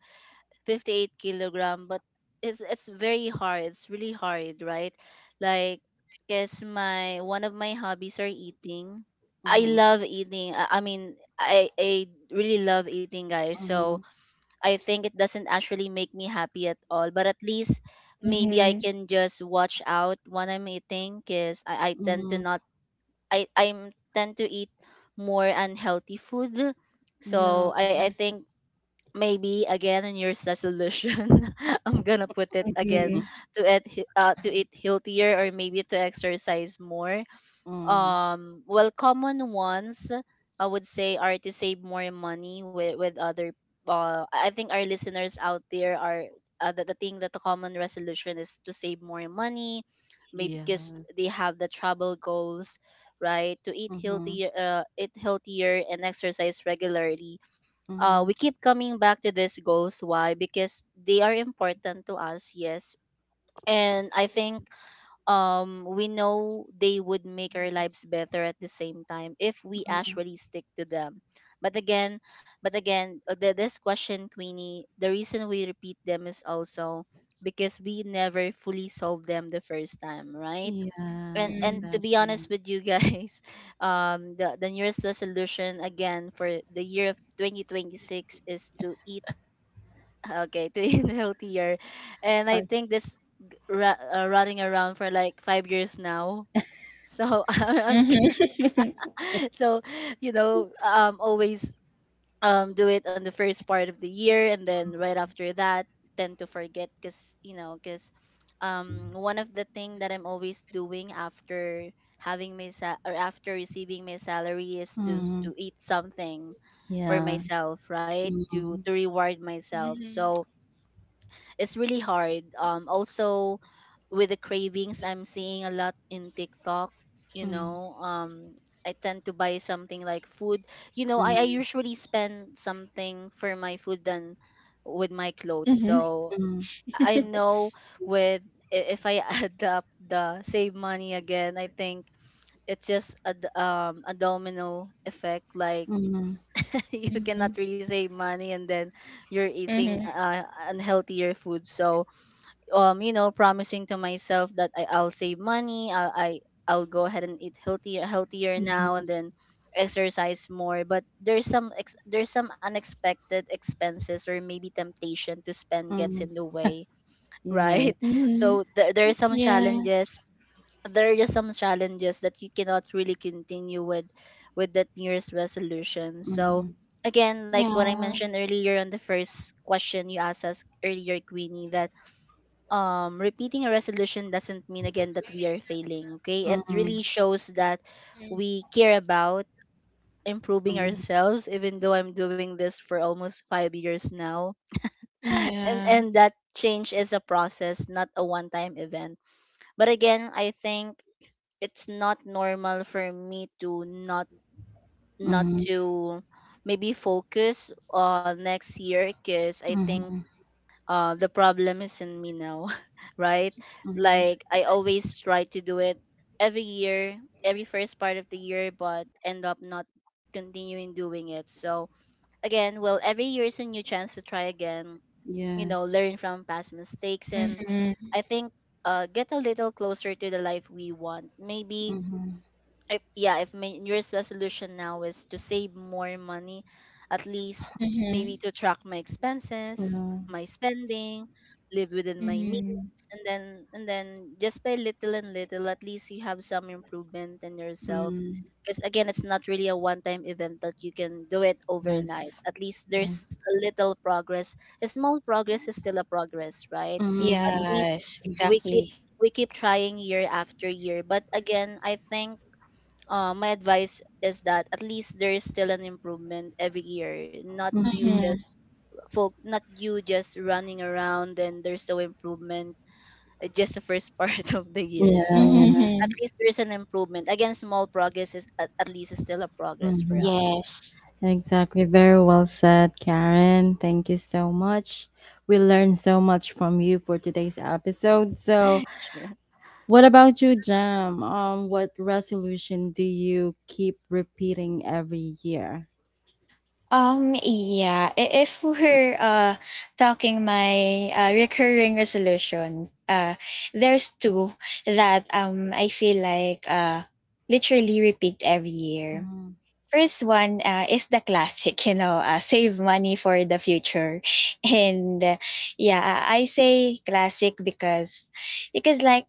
B: 58 kilogram, but it's very hard. It's really hard, right? Like, guess my one of my hobbies are eating. I love eating. I mean, I really love eating, guys. So
A: Mm-hmm.
B: I think it doesn't actually make me happy at all. But at least maybe I
C: Mhm.
B: can just watch out when I'm eating because I tend to
A: Mm-hmm.
B: not, I tend to eat more unhealthy food.
A: Yeah.
B: So I think maybe again in your resolution *laughs* I'm gonna put it again
C: Mhm.
B: to to eat healthier, or maybe to exercise more.
A: Mm-hmm.
B: Well, common ones I would say are to save more money. With other, I think our listeners out there are, the thing that the common resolution is to save more money, maybe
A: Yeah.
B: because they have the travel goals, right? To eat
A: Mm-hmm.
B: healthier, eat healthier and exercise regularly.
A: Mm-hmm.
B: We keep coming back to these goals. Why? Because they are important to us, yes. And I think we know they would make our lives better at the same time if we actually stick to them. But again, but again, this question, Queenie, the reason we repeat them is also because we never fully solve them the first time, right?
A: Yeah,
B: And
C: Mhm.
B: to be
A: exactly.
B: honest with you guys, *laughs* the nearest resolution again for the year of 2026 is to eat *laughs* okay, to eat *laughs* healthier. And I
A: Like,
B: think this running around for like 5 years now. So *laughs* I'm
C: Mhm. *laughs*
B: *laughs* so, you know, always do it on the first part of the year, and then right after that tend to forget because, you know, because one of the thing that I'm always doing after or after receiving my salary is to
A: mm,
B: to eat something for
A: yeah.
B: myself, right? to
A: Mm-hmm.
B: to reward myself.
C: Mhm.
B: So it's really hard. Also with the cravings, I'm seeing a lot in TikTok. You know, I tend to buy something like food. You know, I usually spend something for my food than with my clothes.
C: Mhm.
B: So
A: Mm-hmm.
B: I know with if I *laughs* add up the save money again, I think it's just a a domino effect. Like,
A: Mm-hmm.
B: *laughs* you
C: Mhm.
B: cannot really save money, and then you're eating
C: Mhm. *laughs*
B: unhealthier food. So you know promising to myself that I'll save money I'll go ahead and eat healthier now and then exercise more, but there's some unexpected expenses or maybe temptation to spend gets
A: Mhm.
B: in the way,
A: Yeah, right.
B: right? *laughs* So
C: Mhm.
B: there are some
C: Yeah,
B: challenges, there are just some challenges that you cannot really continue with that nearest resolution. So
A: Mhm.
B: again, like what I
C: yeah.
B: mentioned earlier on the first question you asked us earlier, Queenie, that repeating a resolution doesn't mean again that we are failing. Okay, it
A: Mhm.
B: really shows that
C: Mm.
B: we care about improving
A: Mhm.
B: ourselves. Even though I'm doing this for almost 5 years now, *laughs* and
C: Yeah.
B: that change is a process, not a one-time event. But again, I think it's not normal for me to not not
A: Mhm.
B: to maybe focus on next year, because I think
A: Mhm.
B: the problem is in me now, *laughs* right?
A: Mhm.
B: Like I always try to do it every year, every first part of the year, but end up not continuing doing it. So again, well, every year is a new chance to try again. You know,
A: Yes.
B: learn from past mistakes, and
C: Mhm,
B: I think get a little closer to the life we want. Maybe
A: Mhm.
B: if, yeah, if my new year's resolution now is to save more money, at least maybe
C: mhm,
B: to track my expenses,
A: Yeah.
B: my spending, live within my
C: mhm.
B: means, and then just by little and little, at least you have some improvement in yourself.
A: Mm.
B: Because again, it's not really a one time event that you can do it overnight.
A: Yes.
B: At least there's
A: Yes.
B: a little progress, a small progress is still a progress, right? At
A: Mhm. Exact-
B: least
C: Yes,
B: we keep
C: exactly.
B: we keep trying year after year. But again, I think my advice is that at least there is still an improvement every year, not you
A: Mhm.
C: Mhm,
B: just folk, not you just running around and there's no improvement just the first *laughs* part of the year.
A: Yeah,
C: mhm,
B: So
A: yeah.
B: at
C: mhm.
B: least there's an improvement. Again, small progress is at least is still a progress for
A: Mhm.
B: us.
C: Yes.
A: Exactly. Very well said, Karen. Thank you so much. We learned so much from you for today's episode. So,
B: *laughs* Sure.
A: what about you, Jam? What resolution do you keep repeating every year?
C: Yeah, if we're talking my recurring resolution, there's two that I feel like literally repeat every year.
A: Mhm.
C: First one is the classic, you know, save money for the future, *laughs* and yeah, I say classic because like,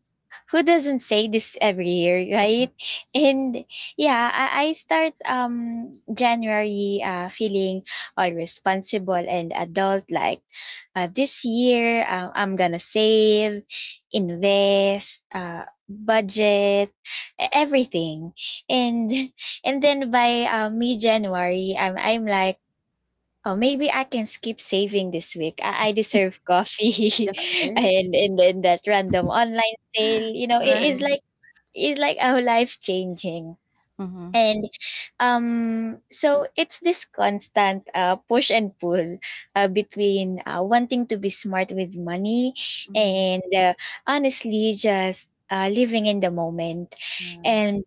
C: who doesn't say this every year, *laughs* right? And yeah, I start January feeling all responsible and adult, like, this year I'm gonna save, invest, budget, everything. And and then by mid January, I'm like, oh, maybe I can skip saving this week. I deserve coffee,
A: Yeah,
C: *laughs*
A: right.
C: and then that random online sale, you know, it is
B: Right.
A: Mhm.
C: like it's like our life changing.
A: Mhm.
C: And So it's this constant push and pull between wanting to be smart with money
A: Mhm.
C: and honestly just living in the moment.
A: Yeah.
C: And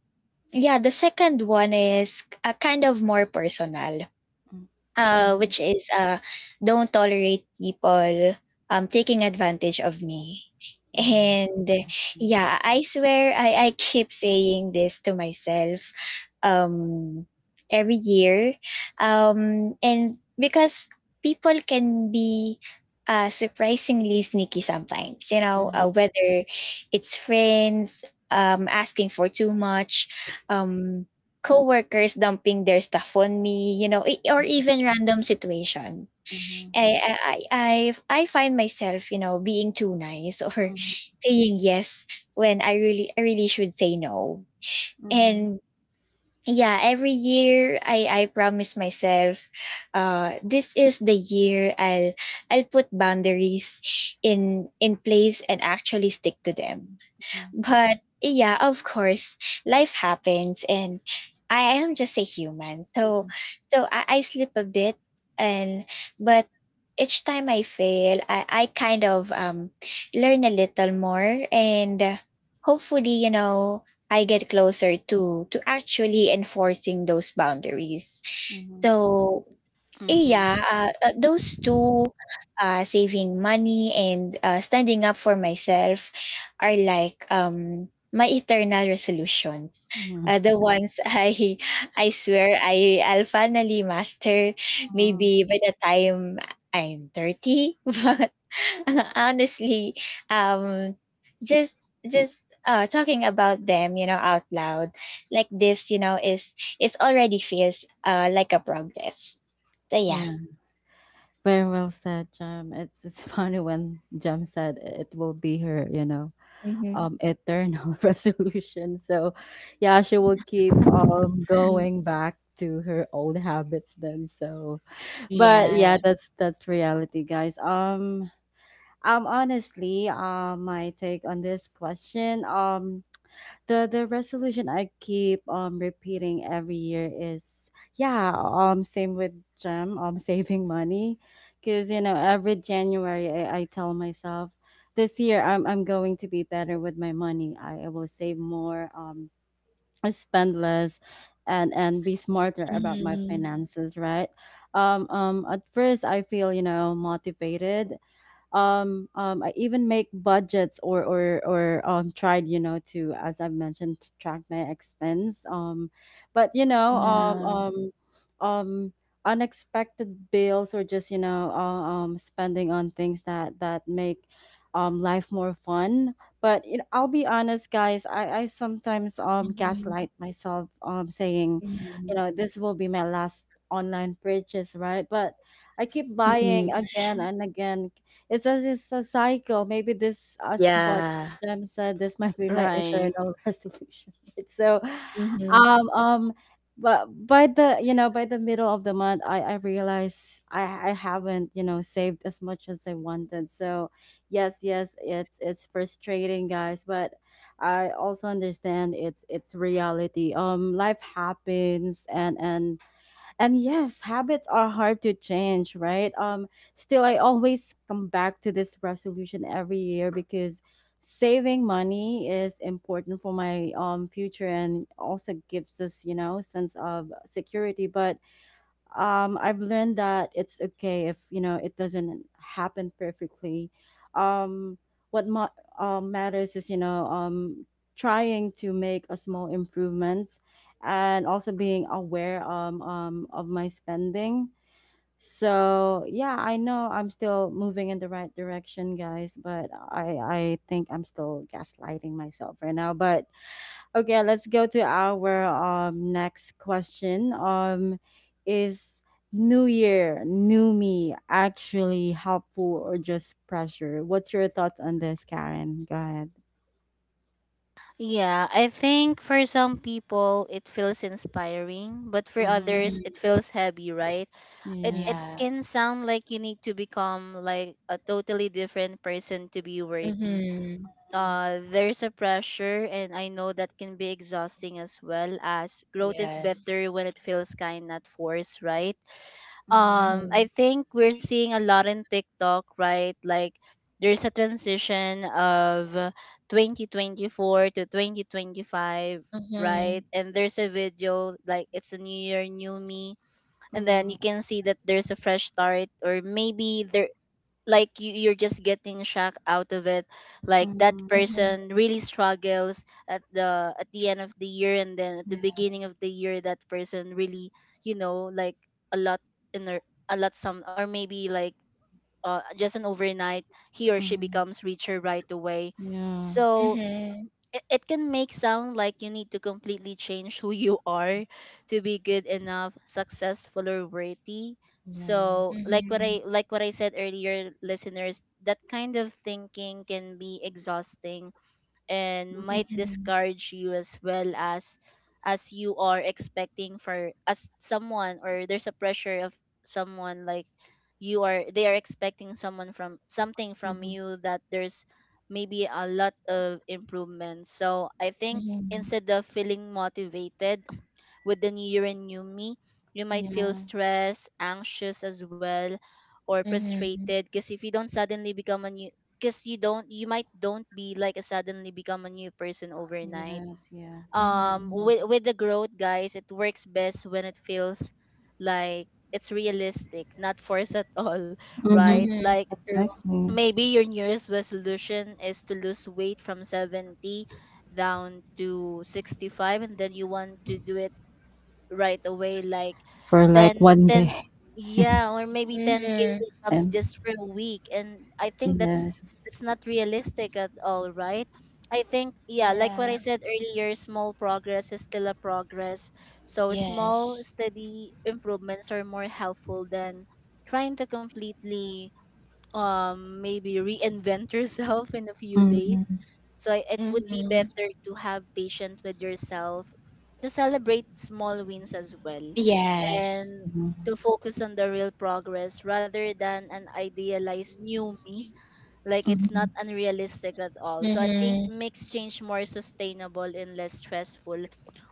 C: yeah, the second one is a kind of more personal,
A: Mm. Mhm.
C: which is don't tolerate people taking advantage of me.
A: Memang.
C: And
A: Mhm.
C: yeah, I swear I keep saying this to myself um every year. And because people can be surprisingly sneaky sometimes, you know,
A: Mhm.
C: whether it's friends asking for too much, um coworkers dumping their stuff on me, you know, or even random situation.
A: Mhm.
C: I I I I find myself, you know, being too nice or *laughs* saying yes when I really should say no.
A: Mhm.
C: And yeah, every year I promise myself, this is the year I'll put boundaries in place and actually stick to them,
A: Mhm.
C: but yeah, of course, life happens and I am just a human. So I sleep a bit and but each time I fail, I kind of learn a little more and hopefully, you know, I get closer to actually enforcing those boundaries.
A: Mhm.
C: So
B: Mhm.
C: yeah, those two, saving money and standing up for myself, are like my eternal resolutions.
A: Mhm. Yeah.
C: The ones I *laughs* I swear I'll finally master.
A: Mhm.
C: Maybe by the time I'm 30, *laughs* but *laughs* honestly, um, just talking about them, you know, out loud like this, you know, is already feels like a progress.
A: Yeah.
C: Kaya.
A: Very well said, Jam. It's *laughs* funny when Jam said it will be her, you know,
C: Mhm.
A: eternal *laughs* resolution. So yeah, she will keep
B: *laughs*
A: going back to her old habits then. So but
C: Yeah.
A: yeah, that's reality, guys. Honestly, my take on this question, the resolution I keep repeating every year is yeah, same with Gem, *laughs* saving money, because you know every January I tell myself this year I'm going to be better with my money. I will save more, spend less, and be smarter about my
C: Mhm.
A: finances, right? At first I feel you know motivated I even make budgets or tried you know to as I've mentioned to track my expense but you know
C: Yeah.
A: um unexpected bills or just you know spending on things that that make life more fun but you know, I'll be honest guys I sometimes
C: Mhm.
A: gaslight myself saying you
C: Mhm.
A: know this will be my last online purchase right but I keep buying
C: Mhm.
A: again and again it's as it's a cycle. Maybe this, as what
C: Yeah.
A: Jem said, this might be my
B: Right.
A: eternal *laughs* resolution. It's so,
C: Mhm.
A: um, um, but by the you know by the middle of the month, I realize I haven't you know saved as much as I wanted. So yes, yes, it's frustrating, guys, but I also understand it's reality. Life happens, and yes, habits are hard to change, right? Still, I always come back to this resolution every year because saving money is important for my future and also gives us, you know, sense of security. But I've learned that it's okay if you know it doesn't happen perfectly. Um, what ma- matters is you know trying to make a small improvements and also being aware of my spending. So yeah, I know I'm still moving in the right direction, guys, but I think I'm still gaslighting myself right now. But Okay, let's go to our next question. Is New Year, new me actually helpful or just pressure? What's your thoughts on this, Karen? Go ahead.
B: Yeah, I think for some people it feels inspiring, but for
A: Mm-hmm.
B: others
C: Mhm.
B: it feels heavy, right? It
C: Yeah.
A: Yes.
B: can sound like you need to become like a totally different person to be worthy.
C: Mhm.
B: Uh, there's a pressure, and I know that can be exhausting as well, as growth is
C: Yes.
B: better when it feels kind, not forced, right?
A: Mm-hmm.
B: Um, I
C: Mhm.
B: think we're seeing a lot in TikTok, right? Like there's a transition of 2024 to 2025,
C: Mhm.
B: right? And there's a video like it's a new year new me, and then
A: Mm-hmm.
B: you can see that there's a fresh start, or maybe there, like you're just getting shock out of it, like that
A: Mm-hmm.
C: Mhm.
B: person really struggles at the end of the year, and then at the
A: Yeah.
B: beginning of the year, that person really, you know, like a lot in their, a lot some, or maybe like just an overnight he or she
A: Mm-hmm.
B: becomes richer right away.
A: Yeah.
B: So
C: Mhm.
B: it can make sound like you need to completely change who you are to be good enough, successful, or worthy.
A: Yeah.
B: So like what I like what I said earlier, listeners, that kind of thinking can be exhausting and
A: Mm-hmm.
B: might
C: Mhm.
B: discourage you as well, as you are expecting for, as someone, or there's a pressure of someone like you are, they are expecting someone, from something from
A: Mm-hmm.
B: you, that there's maybe a lot of improvement. So I think
C: Mhm.
B: instead of feeling motivated with the new year and new me, you might feel
A: Yeah.
B: stressed, anxious as well, or
C: Mhm.
B: frustrated. Because if you don't suddenly become a new, because you don't, you might don't be like a, suddenly become a new person overnight.
A: Yes. Yes.
C: Mhm.
A: That's
C: Mhm.
A: right.
B: With the growth, guys, it works best when it feels like it's realistic, not forced at all, *laughs*
A: Mm-hmm.
B: right?
C: Mhm.
B: Like
C: True.
A: Exactly.
B: maybe your New Year's resolution is to lose weight from 70 down to 65, and then you want to do it right away, like
A: For like
B: 10,
A: one
B: 10,
A: day
B: yeah, or maybe 10
C: Mhm.
A: *laughs*
B: kilograms
A: and
B: just for a week. And I think
A: Yes.
B: that's not realistic at all, right? I think, yeah, like what
C: Yeah.
B: I said earlier, small progress is still a progress. So small,
C: Yes.
B: steady improvements are more helpful than trying to completely maybe reinvent yourself in a few days.
A: Mm-hmm.
B: So I- it would be
C: Mhm.
B: better to have patience with yourself, to celebrate small wins as well,
C: Yes.
B: and to focus on the real progress rather than an idealized new me, like it's
A: Mhm.
B: not unrealistic at all. So I think
C: Mhm.
B: makes change more sustainable and less stressful,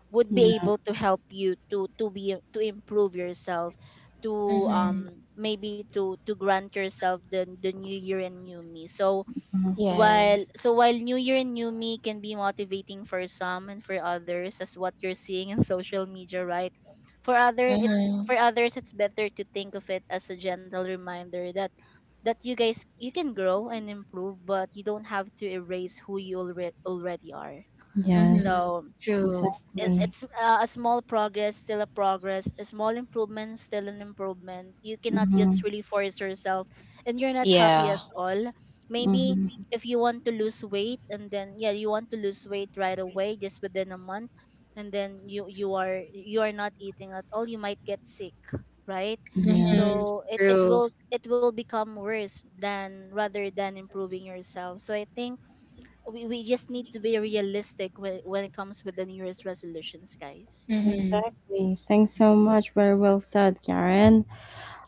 B: would be
A: Yeah.
B: able to help you to be to improve yourself, to
C: Mhm.
B: maybe to grant yourself the new year and new me. So
A: Mhm.
B: while
C: Yeah.
B: new year and new me can be motivating for some and for others, as what you're seeing in *laughs* social media, right, for other it, for
C: Mhm.
B: others it's better to think of it as a gentle reminder that that you guys, you can grow and improve, but you don't have to erase who you already are.
C: Mhm.
A: Yes,
B: So
C: True.
B: it,
A: exactly.
B: it's uh, a small progress still a progress, a small improvement still an improvement. You cannot
A: Mm-hmm.
B: just really force yourself and you're not happy
C: Yeah.
B: at all. Maybe
A: Mm-hmm.
B: if you want to lose weight, and then yeah, you want to lose weight right away just within a month, and then you are, you are not eating at all, you might get sick, right?
A: Yes,
C: Mhm.
B: So it
C: True.
B: will it will become worse than, rather than improving yourself. So I think we just need to be realistic when it comes with the new year's resolutions, guys.
C: Mhm.
A: exactly. Thanks so much. Very well said, Karen.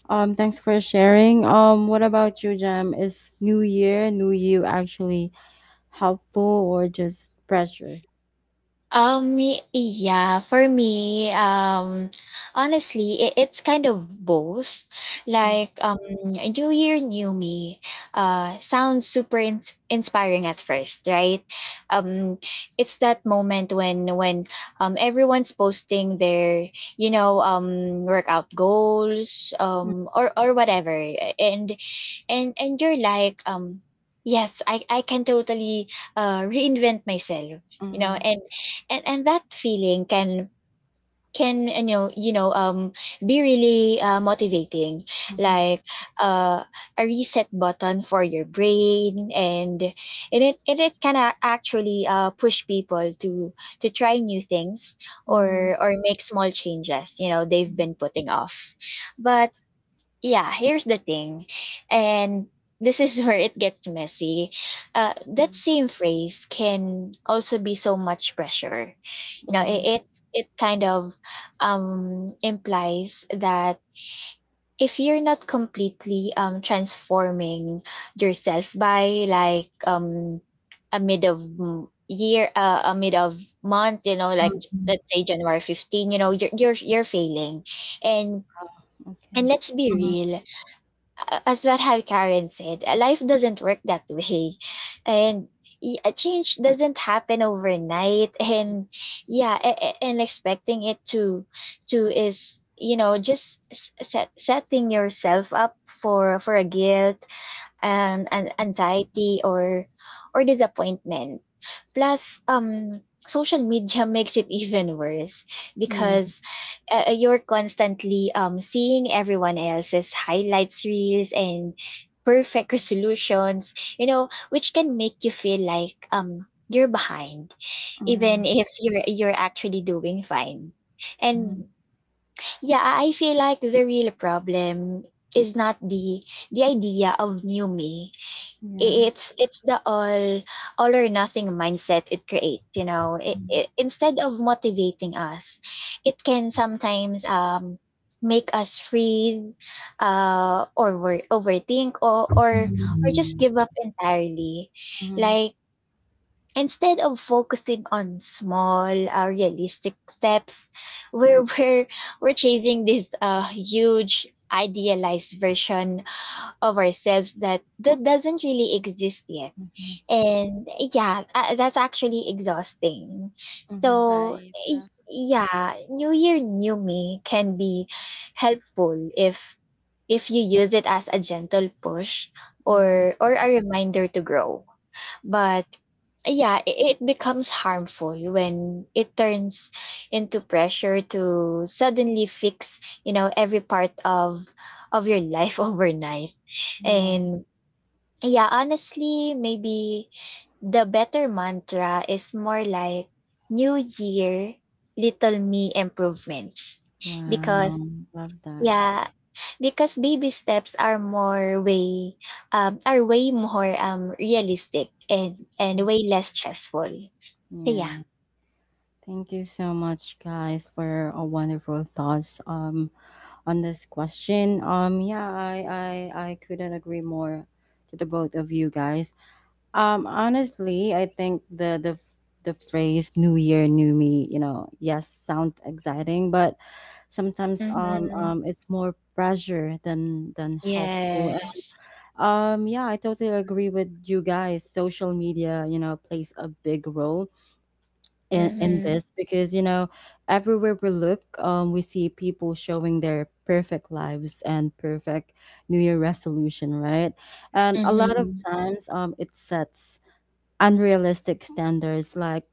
A: Thanks for sharing. What about you, Jam? Is New Year, New You actually helpful or just pressure?
C: Yeah, for me, honestly, it's kind of both.
A: Mm-hmm.
C: Like, New Year, New Me, sounds super inspiring at first, right? Um, it's that moment when everyone's posting their, you know, workout goals, or whatever, and and you're like, yes, I can totally *laughs* reinvent myself, you know.
A: Mm-hmm.
C: And that feeling can be really motivating, like uh, a reset button for your brain. And it can actually push people to try new things
A: Mm-hmm.
C: or make small changes you know they've been putting off. But yeah, here's the thing. And this is *laughs* where it gets messy. That
B: Mm,
C: same phrase can also be so much pressure. You know,
A: Mm-hmm.
C: it kind of implies that if you're not completely transforming yourself by like a mid of month, you know, like
A: Mm-hmm.
C: let's say January 15, you know, you're failing, and
A: Okay.
C: let's be
A: Mm-hmm.
C: real, as what have Karen said, life doesn't work that way. And a change doesn't happen overnight. *laughs* And yeah, and expecting it to is you know just set, setting yourself up for a guilt and an anxiety or disappointment. Plus, social media makes it even worse
A: Yeah.
C: because you're constantly seeing everyone else's highlights reels and perfect resolutions, you know, which can make you feel like you're behind,
A: Mm-hmm.
C: even if you're actually doing fine.
A: Mm-hmm.
C: And yeah, I feel like the real problem is not the idea of new me,
A: Yeah.
C: it's the all or nothing mindset it creates, you know.
A: Mm-hmm.
C: Instead of motivating us, it can sometimes make us free or overthink or or just
A: Mm-hmm.
C: give up entirely. Like instead of focusing on small realistic steps, we're Mm. We're chasing this huge idealized version of ourselves that doesn't really exist yet.
A: Mm-hmm.
C: And yeah, that's actually exhausting.
A: Mm-hmm.
C: So
B: right.
C: y- yeah, New Year, New Me can be helpful if you use it as a gentle push
A: Mm-hmm.
C: or a reminder to grow. But yeah, it becomes harmful when it turns into pressure to suddenly fix, you know, every part of your life *laughs* overnight.
A: Yeah.
C: And yeah, honestly, maybe the better mantra is more like new year, little me improvements.
A: Wow,
C: Because
A: love that.
C: yeah, because baby steps are more way are way more realistic and way less stressful. So yeah.
A: Yeah. Thank you so much guys for a wonderful thoughts on this question. Yeah, I couldn't agree more to the both of you guys. Honestly, I think the phrase new year new me, you know, yes, sounds exciting, but sometimes
C: Mm-hmm.
A: it's more pressure than helpful
C: Yes.
A: Yeah, I totally agree with you guys. Social media, you know, plays a big role in
C: Mm-hmm.
A: this because, you know, everywhere we look, we see people showing their perfect lives and perfect New Year resolution, right? And a lot of
C: Mm-hmm.
A: times, it sets unrealistic standards like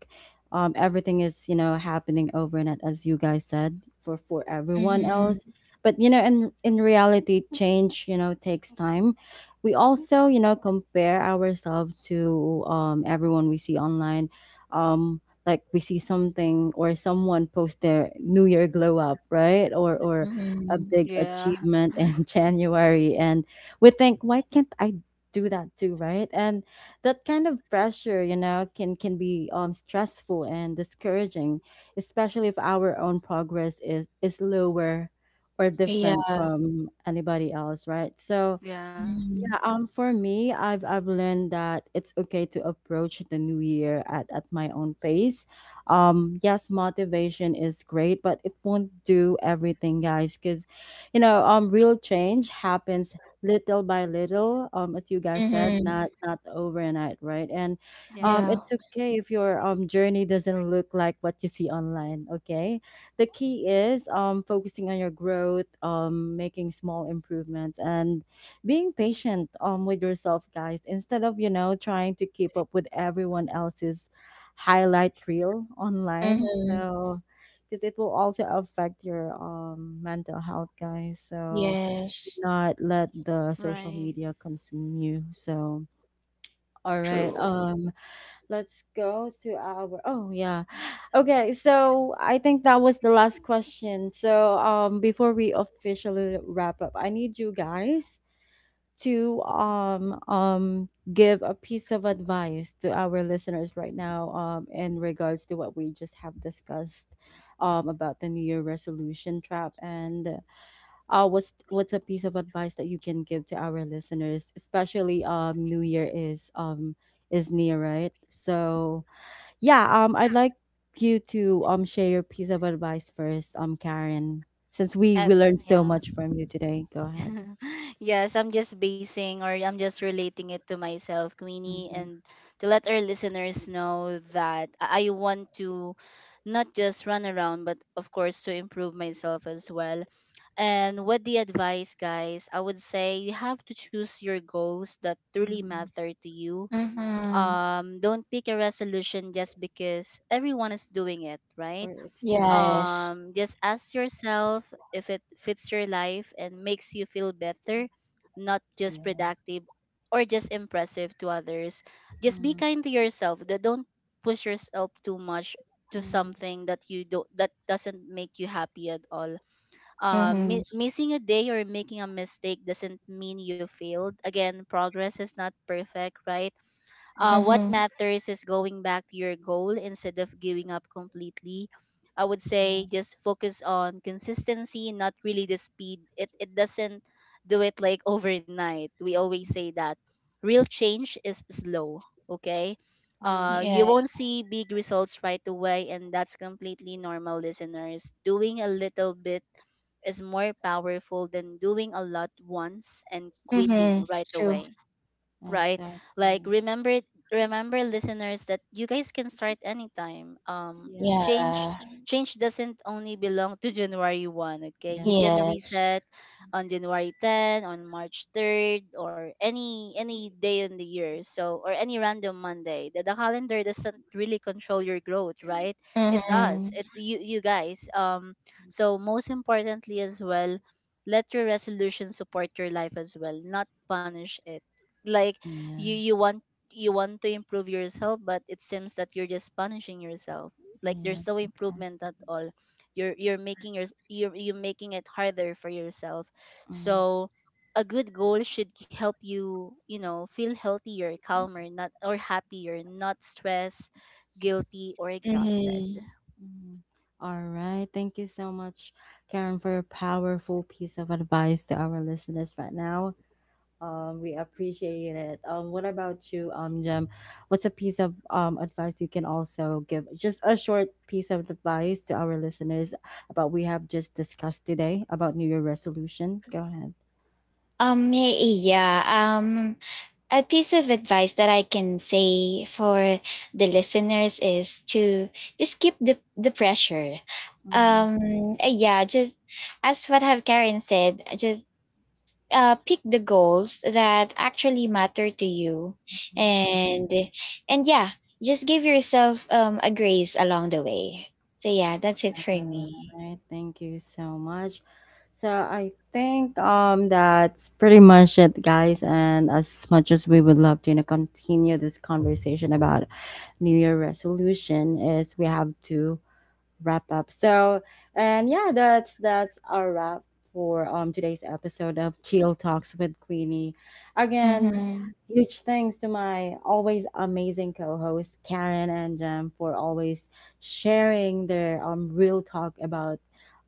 A: everything is you know happening overnight as you guys said for everyone else
C: Mm-hmm.
A: but you know in reality change you know takes time we also you know compare ourselves to everyone we see online um, like we see something or someone post their new year glow up right or a
C: Mm-hmm.
A: big
B: yeah.
A: achievement
B: *laughs*
A: in *laughs* january and we think why can't I do that too right and that kind of pressure you know can be stressful and discouraging especially if our own progress is lower or different
C: Yeah.
A: from anybody else right so
B: Yeah,
C: Mm-hmm.
A: yeah, for me, I've learned that it's okay to approach the new year at my own pace. Yes, motivation is great, but it won't do everything, guys, because you know, real change happens little by little, as you guys said, not
C: Mm-hmm.
A: not overnight, right? And
B: yeah,
C: Yeah.
A: it's okay if your journey doesn't look like what you see online, okay? The key is focusing on your growth, making small improvements and being patient with yourself guys instead of you know trying to keep up with everyone else's highlight reel online
C: Mm-hmm.
A: so because it will also affect your mental health guys so do
C: Yes.
A: not let the social
B: right.
A: media consume you so all right
C: True.
A: let's go to our oh yeah okay so I think that was the last question so before we officially wrap up I need you guys to give a piece of advice to our listeners right now in regards to what we just have discussed about the new year resolution trap and what's a piece of advice that you can give to our listeners especially new year is near right so yeah I'd like you to share your piece of advice first karen since
B: Uh,
A: we learned so
B: yeah.
A: much from you today go ahead
B: *laughs* Yes, I'm just basing, or I'm just relating it to myself, Queenie,
A: mm-hmm.
B: and to let our listeners know that I want to not just run around, but of course to improve myself as well. And what the advice, guys, I would say you have to choose your goals that truly matter to you.
C: Mm-hmm.
B: Don't pick a resolution just because everyone is doing it,
A: or
B: right?
A: it's trending.
C: Yes.
B: Um, just ask yourself if it fits your life and makes you feel better, not just
A: Yeah.
B: productive or just impressive to others. Just be
A: Mm,
B: kind to yourself. Don't push yourself too much to
A: mm,
B: something that you don't, that doesn't make you happy at all.
C: Mhm,
B: Missing a day or making a mistake doesn't mean you failed. Again, progress is not perfect, right? Uh,
A: mm-hmm.
B: what
C: mhm.
B: matters is going back to your goal instead of giving up completely. I would
A: Yeah.
B: say just focus on consistency, not really the speed. It doesn't do it like *laughs* overnight. We always
A: mm,
B: say that real change is slow. Okay.
A: Yes.
C: Yeah.
B: You won't see big results right away, and that's completely normal, listeners. Doing a little bit is more powerful than doing a lot once and
A: Mm-hmm.
B: quitting
C: Mhm,
B: right
C: true.
B: away, right? Like
A: Exactly.
B: remember, remember listeners, that you guys can start anytime.
A: Yes.
B: Change,
C: Yeah.
B: change doesn't only belong to January 1. Okay, you can
A: Yes.
C: Yes.
B: reset on January 10, on March 3rd, or any day in the year, so, or any random Monday. The calendar doesn't really control your growth, right? It's
A: Yeah.
B: us,
C: Mhm.
B: it's you, you guys. So most importantly as well, let your resolution support your life as well, not punish it. Like
A: Yeah.
B: you want, you want to improve yourself, but it seems that you're just punishing yourself, like there's no
A: Yes. Okay.
B: improvement at all. You're making your, you're making it harder for yourself.
A: Mm-hmm.
B: So a good goal should help you, you know, feel healthier, calmer, not, or happier, not stressed, guilty, or exhausted.
C: Mhm.
A: Mm-hmm. All right. Thank you so much, Karen, for a powerful piece of advice to our listeners right now. We appreciate it. What about you, Jem? What's a piece of advice you can also give? Just a short piece of advice to our listeners about we have just discussed today about New Year resolution. Go ahead.
C: Um, y- yeah, um, a piece of advice that I can say for the listeners is to just keep the pressure.
A: Mhm.
C: Um, yeah, just as what have Karen said, just pick the goals that actually matter to you
A: Yes.
C: and and yeah just give yourself a grace along the way. So yeah, that's it for
A: All
C: me.
A: right. Thank you so much. So I think that's pretty much it, guys. And as much as we would love to you know, continue this conversation about New Year resolution, is we have to wrap up. So, and yeah, that's our wrap for today's episode of Chill Talks with Queenie. Again,
C: Hmm.
A: huge thanks to my always amazing co-hosts Karen and Jem for always sharing their real talk about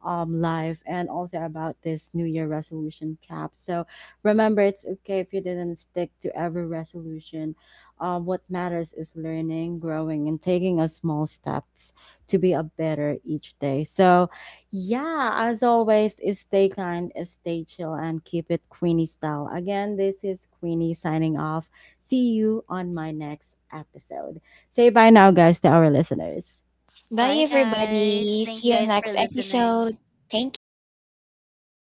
A: life and also about this new year resolution trap. So, remember it's okay if you didn't stick to every resolution. What matters is learning, growing, and taking a small steps to be a better each day. So, yeah, as always, is stay kind, is stay chill, and keep it Queenie style. Again, this is Queenie signing off. See you on my next episode. Say bye now, guys, to our listeners.
C: Bye
B: Bye guys,
C: everybody,
B: thank
C: see
B: you
C: you
B: guys for
C: next
B: listening.
C: episode. Thank you, bye.